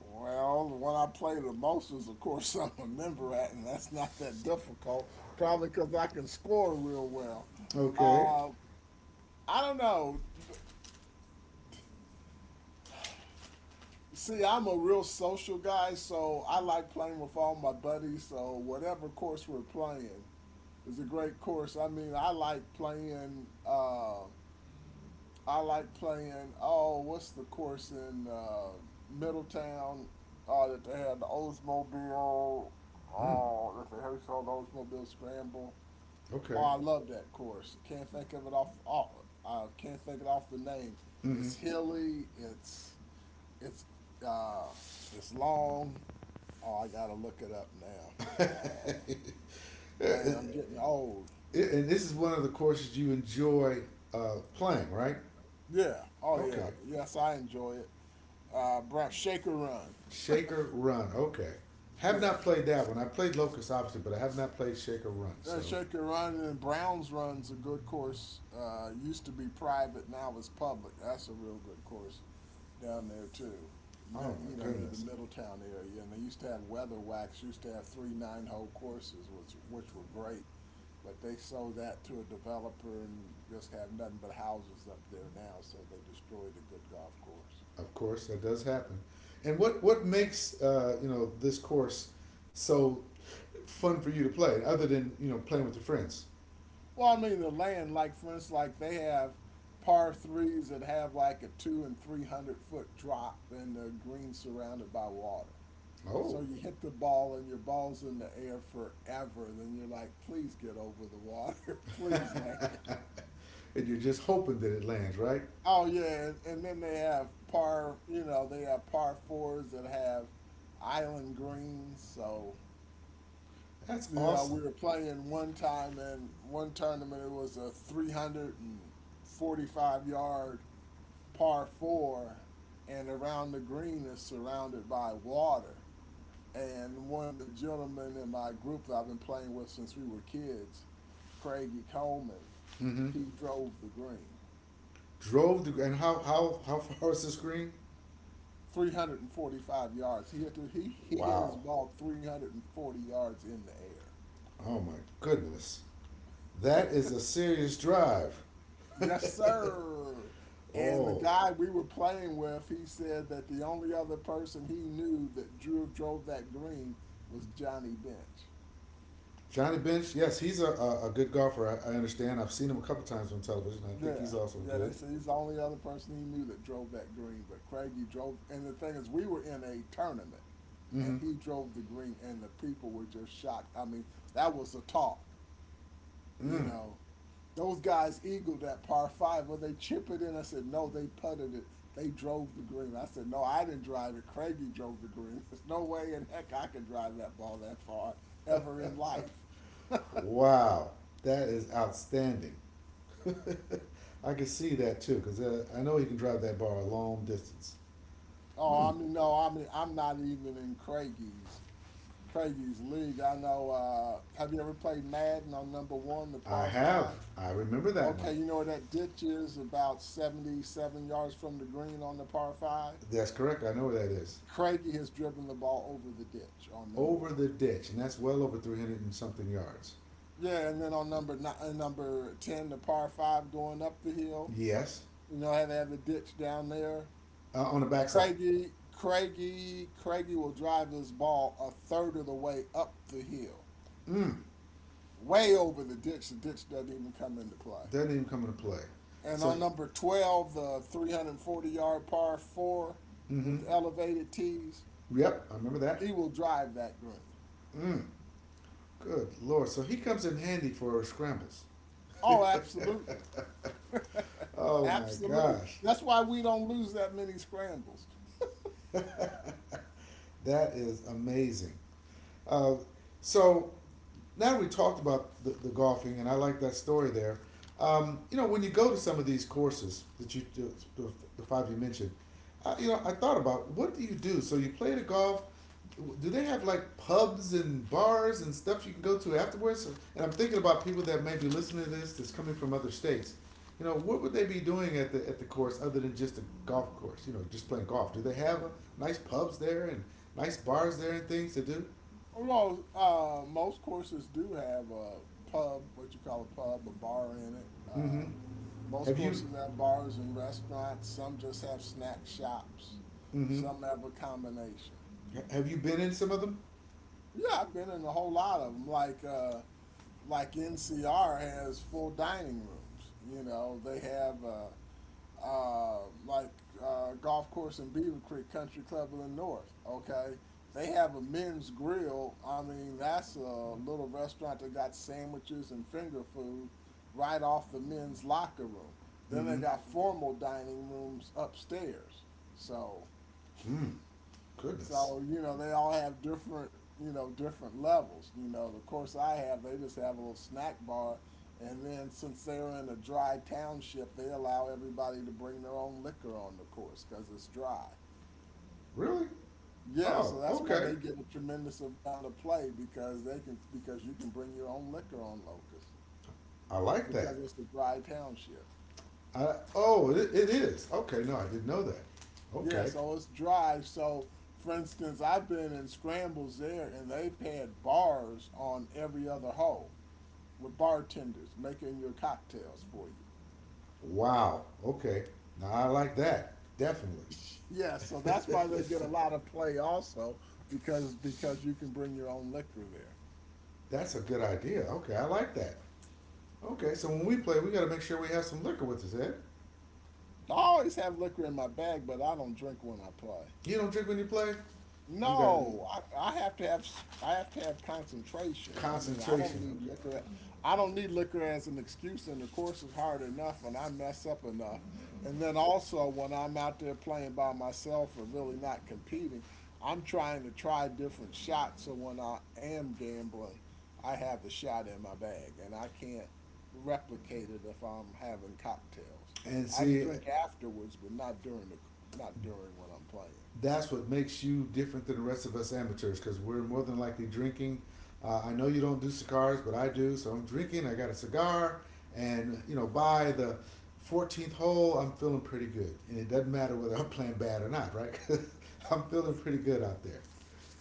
Well, the one I play the most is, of course, (laughs) I'm a member at, and that's not that difficult. Probably because I can score real well.
Okay.
I don't know. See, I'm a real social guy, so I like playing with all my buddies. So whatever course we're playing is a great course. I mean, I like playing. I like playing. Oh, what's the course in Middletown? Oh, that they had the Oldsmobile.
Mm,
Oh, that a Herschel Oldsmobile Scramble. Oh,
okay.
I love that course. Can't think of it off. Oh, I can't think it off the name.
Mm-hmm.
It's hilly. It's uh, it's long. Oh, I gotta look it up now. Uh, man, I'm getting
(laughs)
old.
It, and this is one of the courses you enjoy playing, right?
Yeah. Oh yeah.
Okay.
Yes, I enjoy it. Brown Shaker Run.
Shaker Run. Okay. Have
Yeah.
not played that one. I played Locust, obviously, but I have not played Shaker Run. So,
Shaker Run and Browns Run's a good course. Used to be private, now it's public. That's a real good course down there too.
oh my
You know, near the
goodness.
Middletown area, and they used to have Weather Wax. Used to have 3 nine-hole courses, which were great, but they sold that to a developer and just have nothing but houses up there now. So they destroyed a good golf course.
Of course, that does happen. And what makes you know this course so fun for you to play, other than you know playing with your friends?
Well, I mean the land, like for instance, like they have par threes that have like a two and three hundred foot drop, and the green surrounded by water. So
Oh,
you hit the ball and your ball's in the air forever. Then you're like, please get over the water, (laughs)
(laughs)
please land.
and you're just hoping that it lands, right?
Oh yeah, and then they have par, you know, they have par fours that have island greens. So
That's
you know, we
awesome.
were playing one time in one tournament. It was a 345-yard par four, and around the green is surrounded by water. And one of the gentlemen in my group that I've been playing with since we were kids, Craigie Coleman,
Mm-hmm.
he drove the green.
Drove the and how far is the screen?
345 yards. He hit his
Wow.
ball 340 yards in the air.
Oh my goodness. That is a serious drive.
Yes,
(laughs)
sir. And the
Oh.
guy we were playing with, he said that the only other person he knew that drove that green was Johnny Bench.
Johnny Bench, yes, he's a good golfer. I understand. I've seen him a couple times on television. I think
Yeah,
he's also
yeah. They
good.
said he's the only other person he knew that drove that green, but Craigie drove. And the thing is, we were in a tournament, and
Mm-hmm.
he drove the green, and the people were just shocked. I mean, that was a talk, you
Mm.
know. Those guys eagled that par five. Well, they chip it in. I said, no, they putted it. They drove the green. I said, no, I didn't drive it. Craigie drove the green. (laughs) There's no way in heck I could drive that ball that far ever in life. (laughs)
Wow. That is outstanding. (laughs) I can see that too, because I know he can drive that bar a long distance.
Oh, I
Hmm.
mean, no, I mean, I'm not even in Craigie's league. I know. Have you ever played Madden on number one, the
I
par five?
have. I remember that one.
Okay, you know where that ditch is, about 77 yards from the green on the par five?
That's correct. I know where that is.
Craigie has driven the ball over the ditch on number
Over
one.
the ditch, and that's well over 300 and something yards.
Yeah, and then on number 10, the par five going up the hill,
Yes,
you know how they have the ditch down there?
on the backside.
Craigie will drive his ball a third of the way up the hill,
Mm,
way over the ditch. The ditch doesn't even come into play.
doesn't even come into play.
And
So,
on number 12, the 340-yard par four
mm-hmm.
with elevated tees,
Yep, I remember that.
he will drive that green.
Mm, good lord. So he comes in handy for scrambles.
Oh, absolutely. (laughs)
Oh my
absolutely.
gosh.
That's why we don't lose that many scrambles.
(laughs) That is amazing. Uh, so now we talked about the golfing, and I like that story there. You know, when you go to some of these courses that you do, the- five you mentioned, you know, I thought about what do you do? So you play the golf. Do they have like pubs and bars and stuff you can go to afterwards? And I'm thinking about people that may be listening to this that's coming from other states. You know, what would they be doing at the course other than just a golf course? You know, just playing golf. Do they have nice pubs there and nice bars there and things to do?
Although most courses do have a pub, what you call a pub, a bar in it.
Mm-hmm.
Most
Have you?
courses have bars and restaurants. Some just have snack shops.
Mm-hmm.
Some have a combination.
Have you been in some of them?
Yeah, I've been in a whole lot of them. Like NCR has full dining rooms. You know, they have like golf course in Beaver Creek Country Club in the North. Okay, they have a men's grill. I mean, that's a little restaurant that got sandwiches and finger food right off the men's locker room. Then they
Mm-hmm.
got formal dining rooms upstairs. So
Mm. Goodness.
so you know, they all have different, you know, different levels. You know, the course I have, they just have a little snack bar. And then since they're in a dry township, they allow everybody to bring their own liquor on the course because it's dry.
Really?
Yeah,
Oh,
so that's why
okay.
they get a tremendous amount of play because you can bring your own liquor on Locust
I like
because
that.
it's a dry township.
Oh, it is. Okay. No, I didn't know that.
Yeah,
Okay.
so it's dry. So, for instance, I've been in scrambles there, and they've had bars on every other hole. Were bartenders making your cocktails for you.
Wow. Okay. Now I like that. Definitely.
Yeah, so that's why
(laughs)
they get a lot of play also because you can bring your own liquor there.
That's a good idea. Okay, I like that. Okay, so when we play, we got to make sure we have some liquor with us, Ed.
I always have liquor in my bag, but I don't drink when I play.
You don't drink when you play. You got to be
No, I have to have s- I have to have concentration. I mean, I don't
concentration.
need
Okay.
liquor. I don't need liquor as an excuse, and the course is hard enough, and I mess up enough. And then also, when I'm out there playing by myself or really not competing, I'm trying to try different shots. So when I am gambling, I have the shot in my bag, and I can't replicate it if I'm having cocktails.
And
I can
see,
drink afterwards, but not during when I'm playing.
that's what makes you different than the rest of us amateurs because we're more than likely drinking. I know you don't do cigars, but I do. So I'm drinking. I got a cigar, and you know, by the 14th hole, I'm feeling pretty good, and it doesn't matter whether I'm playing bad or not, right? (laughs) I'm feeling pretty good out there.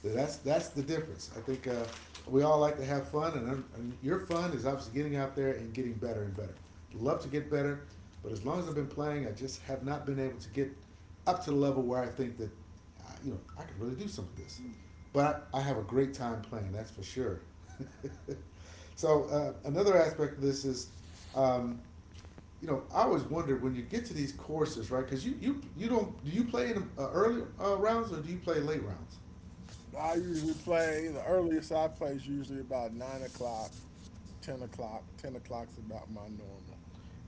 That's the difference. I think we all like to have fun, and your fun is obviously getting out there and getting better and better. Love to get better, but as long as I've been playing, I just have not been able to get up to the level where I think that, you know, I could really do some of this. But I have a great time playing, that's for sure. (laughs) So another aspect of this is, um, you know, I always wondered when you get to these courses, right? Because you don't do you play in early rounds or do you play late rounds?
I usually play The earliest I play is usually about 9 o'clock, 10 o'clock. 10 o'clock's about my normal.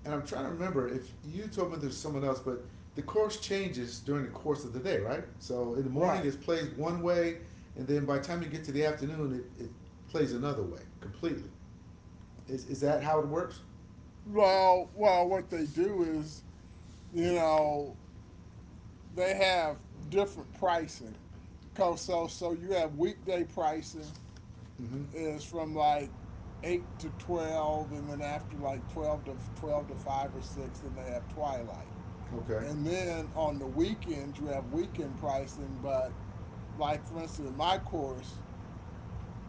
And I'm trying to remember if you told me there's someone else, but the course changes during the course of the day, right? So in the morning
Right.
it plays one way, and then by the time you get to the afternoon, it plays another way completely. Is that how it works?
Well, what they do is, you know, they have different pricing. Because so so you have weekday pricing
Mm-hmm.
is from like 8 to 12, and then after like twelve to five or six, then they have twilight.
Okay.
And then on the weekends, we have weekend pricing, but like for instance, in my course,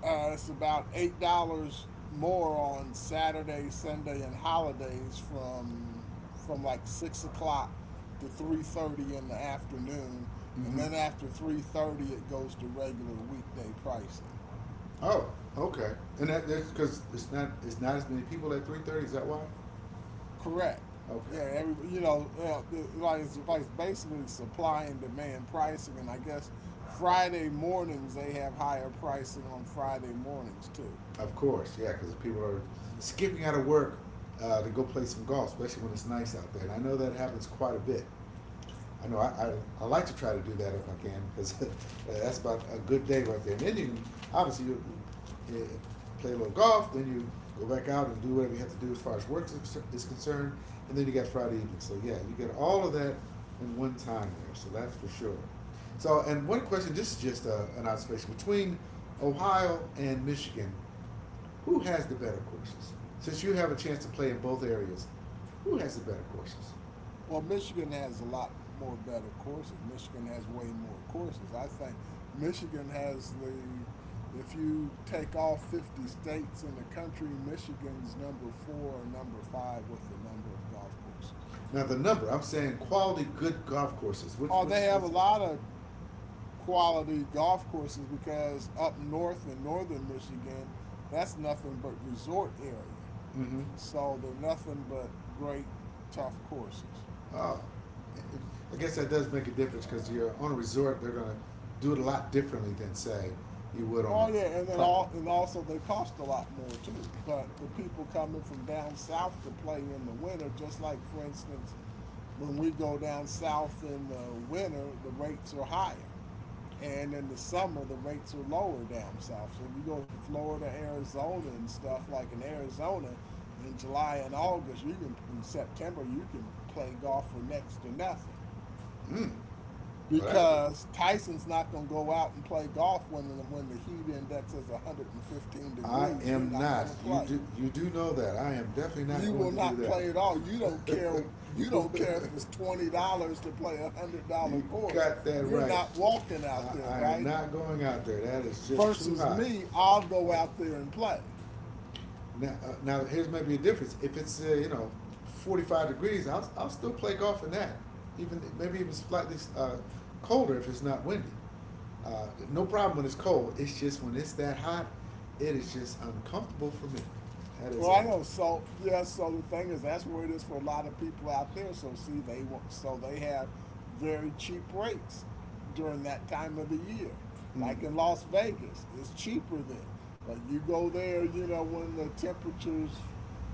it's about $8 more on Saturday, Sunday, and holidays from like 6 o'clock to 3:30 in the afternoon, and
Mm-hmm.
then after 3:30, it goes to regular weekday pricing.
Oh, okay. And that's because it's not as many people at 3:30. Is that why?
Correct. Yeah,
Okay.
every like it's basically supply and demand pricing, and I guess Friday mornings they have higher pricing on Friday mornings too.
Of course, yeah, because people are
Yeah.
skipping out of work to go play some golf, especially when it's nice out there. And I know that happens quite a
Okay.
bit. I know I like to try to do that if I can because (laughs) that's about a good day right there. And then you can, obviously, you play a little golf, then you go back out and do whatever you have to do as far as work is concerned, and then you got Friday evening. So, yeah, you get all of that in one time there, so that's for sure. So, and one question, this is just an observation between Ohio and Michigan, who has the better courses? Since you have a chance to play in both areas, who has the better courses?
Well, Michigan has a lot more better courses. Michigan has way more courses. I think Michigan has the, if you take all 50 states in the country, Michigan's number four or number five with the number of golf courses.
Now the number I'm saying, quality good golf courses, which
Oh, they
which
have a
has,
lot of quality golf courses because up north in northern Michigan, that's nothing but resort area.
mm-hmm.
So they're nothing but great tough courses.
I guess that does make a difference because you're on a resort, they're gonna do it a lot differently than say you would on
Oh yeah, and
a
then
private.
all and also they cost a lot more too. But the people coming from down south to play in the winter, just like for instance, when we go down south in the winter, the rates are higher. And in the summer, the rates are lower down south. So if you go to Florida, Arizona, and stuff like in Arizona, in July and August, you can in September you can play golf for next to nothing
Mm, well, that's good.
because Tyson's not going to go out and play golf when the heat index is 115
I
degrees. You're
am
not going
not.
to play.
You do know that I am definitely not
You
going
will
to do
not play at all. You don't care.
that.
You
(laughs)
don't care if it's $20 to play $100
You
course.
got that
You're
right.
not walking out there,
I am
right?
not going out there. That is just too
Versus
hot.
me, I'll go out there and play.
Now, now here's maybe a difference. If it's you know 45 degrees, I'll still play golf in that. Even maybe even slightly colder if it's not windy. Uh, no problem when it's cold. It's just when it's that hot, it is just uncomfortable for me. That is
Well,
a,
I know. So yeah. So the thing is, that's where it is for a lot of people out there. So see, they so they have very cheap rates during that time of the year.
mm,
Like in Las Vegas, it's cheaper then. But you go there, when the temperatures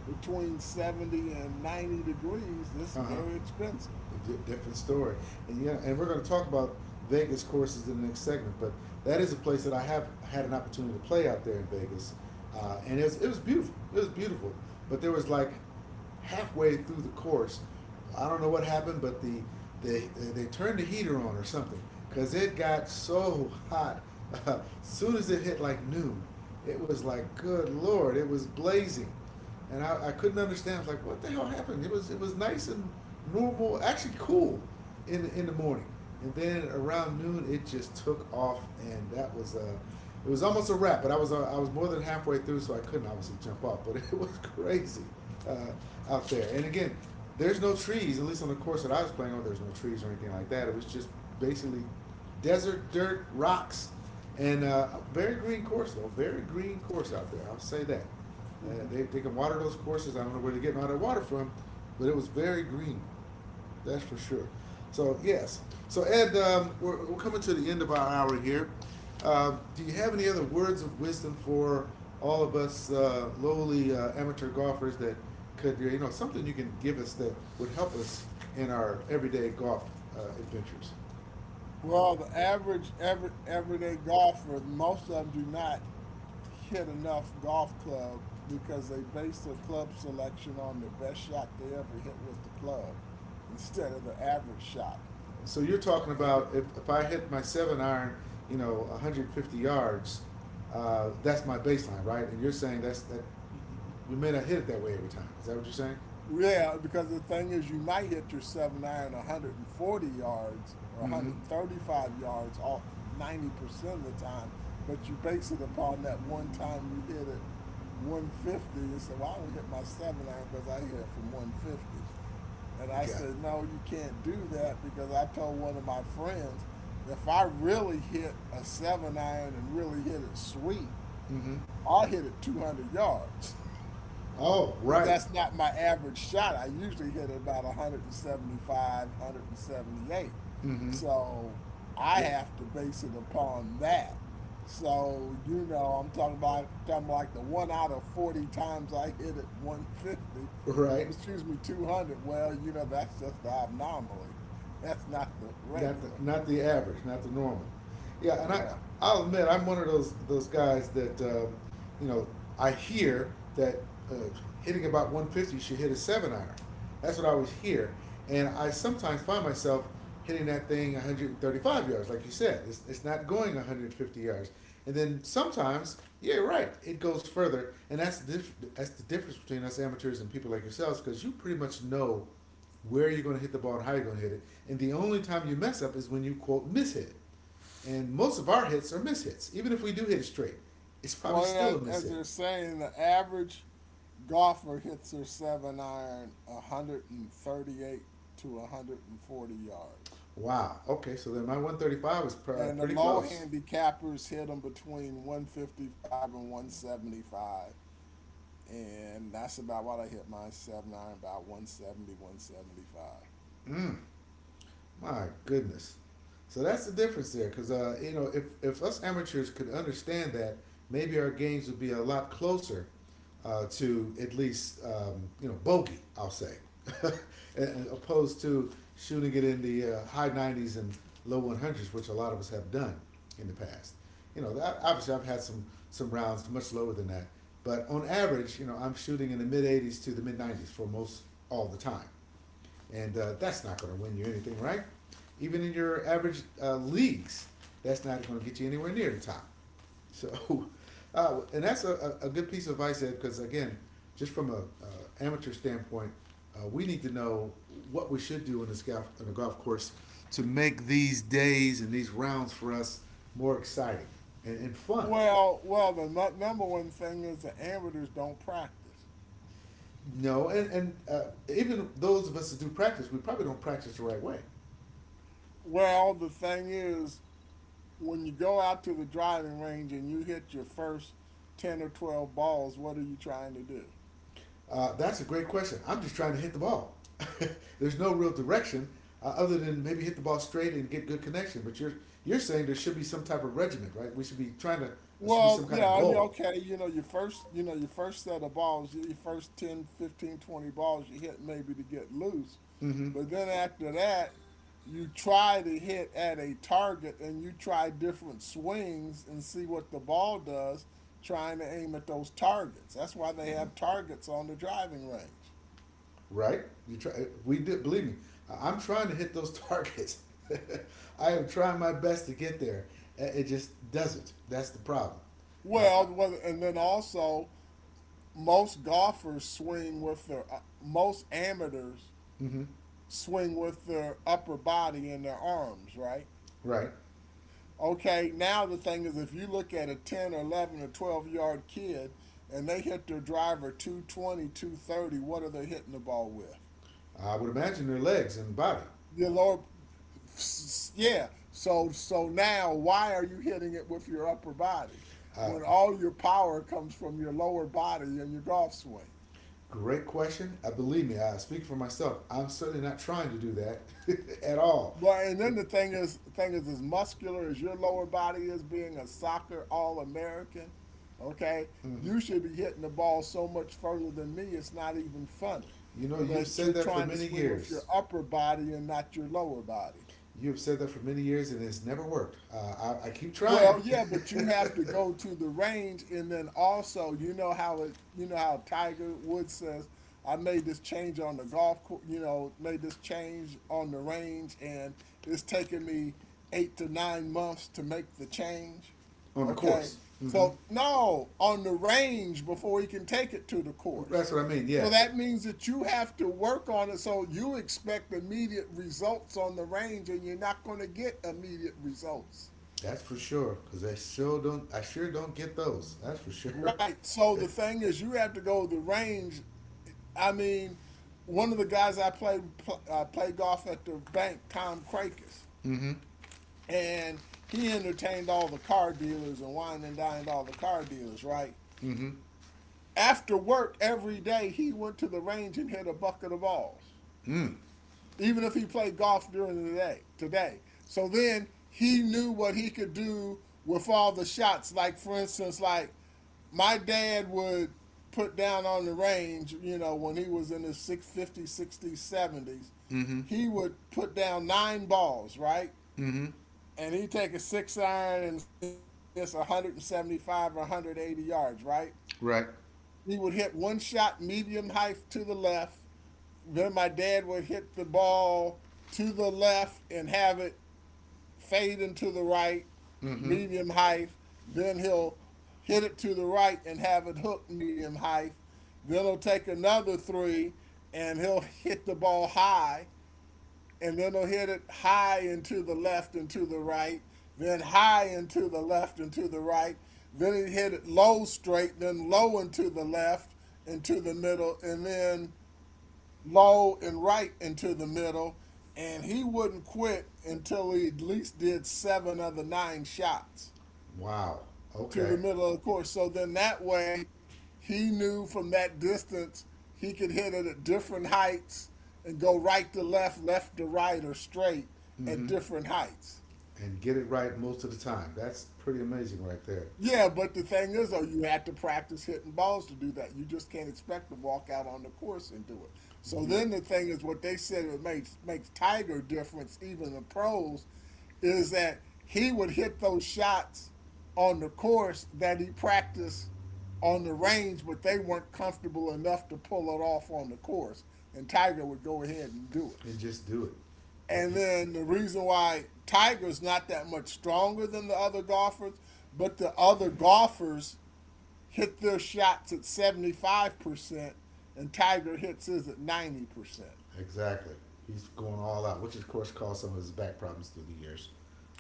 between 70 and 90 degrees, it's
uh huh.
very expensive.
a di- different story. And yeah, and we're going to talk about Vegas courses in the next segment. But that is a place that I have had an opportunity to play out there in Vegas, and it was beautiful. It was beautiful. But there was like halfway through the course, I don't know what happened, but they turned the heater on or something because it got so hot. (laughs) As soon as it hit like noon, it was like good lord, it was blazing and I couldn't understand. I was like, what the hell happened? It was nice and normal, actually cool, in the morning, and then around noon it just took off, and that was it was almost a wrap. But I was more than halfway through, so I couldn't obviously jump off. But (laughs) it was crazy uh, out there, and again, there's no trees. At least on the course that I was playing on, there's no trees or anything like that. It was just basically desert, dirt, rocks, and a very green course though. Very green course out there. I'll say that. They can water those courses. I don't know where they're getting all that water from, but it was very green, that's for sure. So yes. So Ed, we're coming to the end of our hour here. Do you have any other words of wisdom for all of us lowly amateur golfers that could, you know, something you can give us that would help us in our everyday golf adventures?
Well, the average everyday golfer, most of them do not hit enough golf club because they based their club selection on the best shot they ever hit with the club instead of the average shot
So you're
that
talking
they hit
about
with the
if I hit my seven iron, you know, 150 yards, that's my baseline, right? And you're saying that's that you may not hit it that way every time. Is that what you're saying?
yeah, because the thing is, you might hit your seven iron 140 yards or
Mm-hmm.
135 yards all 90% of the time, but you base it upon that one time you hit it 150 and say, well, I don't hit my seven iron because I hit it from 150. And I
Got. It.
said, no, you can't do that because I told one of my friends, if I really hit a seven iron and really hit it sweet,
Mm-hmm.
I'll hit it 200 yards.
Oh,
But
right.
that's not my average shot. I usually hit it about 175, 178.
Mm-hmm.
So I
Yeah,
have to base it upon that. So, I'm talking about talking like the one out of 40 times I hit it 150,
right.
excuse me, 200. Well, that's just the anomaly. (laughs) That's not the
Not the
regular.
not the average, not the normal. Yeah, and I
Correct.
I'll admit I'm one of those guys that you know I hear that uh, hitting about 150 should hit a seven iron. That's what I always hear, and I sometimes find myself hitting that thing 135 yards, like you said. It's not going 150 yards, and then sometimes yeah, you're right, it goes further, and that's the that's the difference between us amateurs and people like yourselves because you pretty much know where you are going to hit the ball and how you're going to hit it. And the only time you mess up is when you quote miss hit. And most of our hits are miss hits. Even if we do hit it straight, it's probably
Well,
still a
as,
miss
as
hit.
you're saying, the average golfer hits their seven iron 138 to 140 yards.
Wow. Okay, so then my 135 was
And the
pretty
low
close.
handicappers hit them between 155 and 175. And that's about what I hit my seven iron, about seventy-one seventy-five.
Mm. My goodness. So that's the difference there, because you know, if us amateurs could understand that, maybe our games would be a lot closer to at least you know, bogey, I'll say, (laughs) opposed to shooting it in the high 90s and low 100s, which a lot of us have done in the past, you know, that,
Right.
obviously I've had some rounds much lower than that, but on average, you know, I'm shooting in the mid 80s to the mid 90s for most all the time, and that's not going to win you anything, right? Even in your average leagues, that's not going to get you anywhere near the top. (laughs) So, and that's a good piece of advice, Ed, because again, just from a, amateur standpoint, we need to know what we should do in this golf on the golf course to make these days and these rounds for us more exciting and fun.
Well, the number one thing is the amateurs don't practice.
You know, and even those of us that do practice, we probably don't practice the right way.
Well, the thing is, when you go out to the driving range and you hit your first 10 or 12 balls, what are you trying to do?
That's a great question. I'm just trying to hit the ball. (laughs) There's no real direction other than maybe hit the ball straight and get good connection. But you're saying there should be some type of regiment, right? We should be trying to. There should be
Well,
some kind of
yeah, you
goal.
okay, your first set of balls, your first 10, 15, 20 balls you hit maybe to get loose.
Mm-hmm.
But then after that, you try to hit at a target and you try different swings and see what the ball does trying to aim at those targets. That's why they have targets on the driving range.
Right? You try. We did. Believe me, I am trying to hit those targets. (laughs) I am trying my best to get there. It just doesn't. That's the problem. I, I,
Well, and then also most golfers swing with their most amateurs
mm-hmm.
swing with their upper body and their arms, right?
Right.
Okay, now the thing is if you look at a 10 or 11 or 12-yard kid and they hit their driver 220, 230, what are they hitting the ball with?
I would imagine their legs and body.
Your lower Yeah, so now why are you hitting it with your upper body
Uh,
when all your power comes from your lower body and your golf swing?
Great question. I believe me. I speak for myself. I'm certainly not trying to do that (laughs) at all.
Well, and then
It,
the thing is, as muscular as your lower body is, being a soccer All American, okay,
mhm.
you should be hitting the ball so much further than me. It's not even funny.
You know, you've
But you're
said that for
trying to
many
swing with your
years.
upper body and not your lower body.
You've said that for many years, and it's never worked. I keep
Well,
trying
yeah, but you
(laughs)
have to go to the range, and then also, you know how Tiger Woods says, "I made this change on the golf course, you know, made this change on the range, and it's taken me 8 to 9 months to make the change."
on the
Okay,
course. Hmm.
so no, on the range before he can take it to the course.
That's what I mean.
So
Yes,
that means that you have to work on it. So you expect immediate results on the range, and you're not going to get immediate results.
that's for sure. Cause I sure don't. I sure don't get those. That's for sure. (laughs)
Right. So the thing is, you have to go to the range. I mean, one of the guys I played golf at the bank, Tom Cracus,
Mm-hmm.
and he entertained all the car dealers and wine and dined all the car dealers. Right.
Mm-hmm.
After work every day, he went to the range and hit a bucket of balls,
Mm.
even if he played golf during the day. Today, so then he knew what he could do with all the shots. Like for instance, like my dad would put down on the range, when he was in his 60s, 70s,
Mm-hmm.
he would put down nine balls, right?
Mm-hmm.
And he'd take a six iron and say it's 175 or 180 yards, right?
Right.
He would hit one shot medium height to the left. Then my dad would hit the ball to the left and have it fade into the right,
Mm-hmm.
medium height. Then he'll hit it to the right and have it hooked medium height. Then he'll take another three and he'll hit the ball high. And then he'll hit it high and to the left and to the right. Then high and to the left and to the right. Then he hit it low straight, then low and to the left and to the middle. And then low and right into the middle, and he wouldn't quit until he at least did seven of the nine shots
Wow.
to the
Okay.
middle of the course. So then that way, he knew from that distance he could hit it at different heights and go right to left, left to right, or straight at
Mm-hmm.
different heights.
And get it right most of the time. That's pretty amazing right there.
Yeah, but the thing is, though, you had to practice hitting balls to do that. You just can't expect to walk out on the course and do it. So
You
then the thing is, what they said it makes Tiger difference, even the pros, is that he would hit those shots on the course that he practiced on the range, but they weren't comfortable enough to pull it off on the course, and Tiger would go ahead and do it.
and just do it. Yeah,
And
he-
then the reason why Tiger's not that much stronger than the other golfers, but the other golfers hit their shots at 75% and Tiger hits his at 90%.
exactly. He's going all out, which of course caused some of his back problems through the years.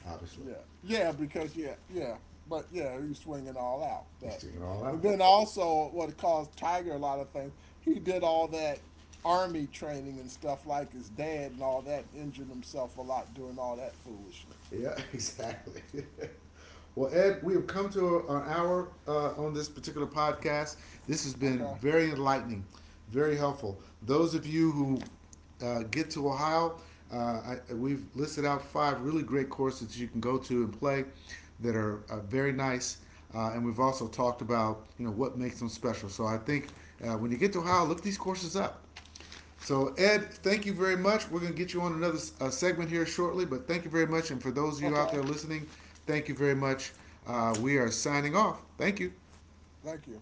Obviously,
Yeah. Yeah, because yeah, yeah. But yeah, he's swinging all out.
he's
But
doing it all
and
out.
then also what it caused Tiger a lot of things, he did all that army training and stuff like his dad and all that and injured himself a lot doing all that foolishness.
Yeah, exactly. (laughs) Well, Ed, we have come to our hour on this particular podcast. This has been
Okay.
very enlightening, very helpful. Those of you who get to Ohio, uh, we've listed out five really great courses you can go to and play that are very nice. And we've also talked about you know what makes them special. So I think when you get to Ohio, look these courses up. So, Ed, thank you very much. We're going to get you on another segment here shortly, but thank you very much. And for those of you out
Okay.
there listening, thank you very much. We are signing off. Thank you.
Thank you.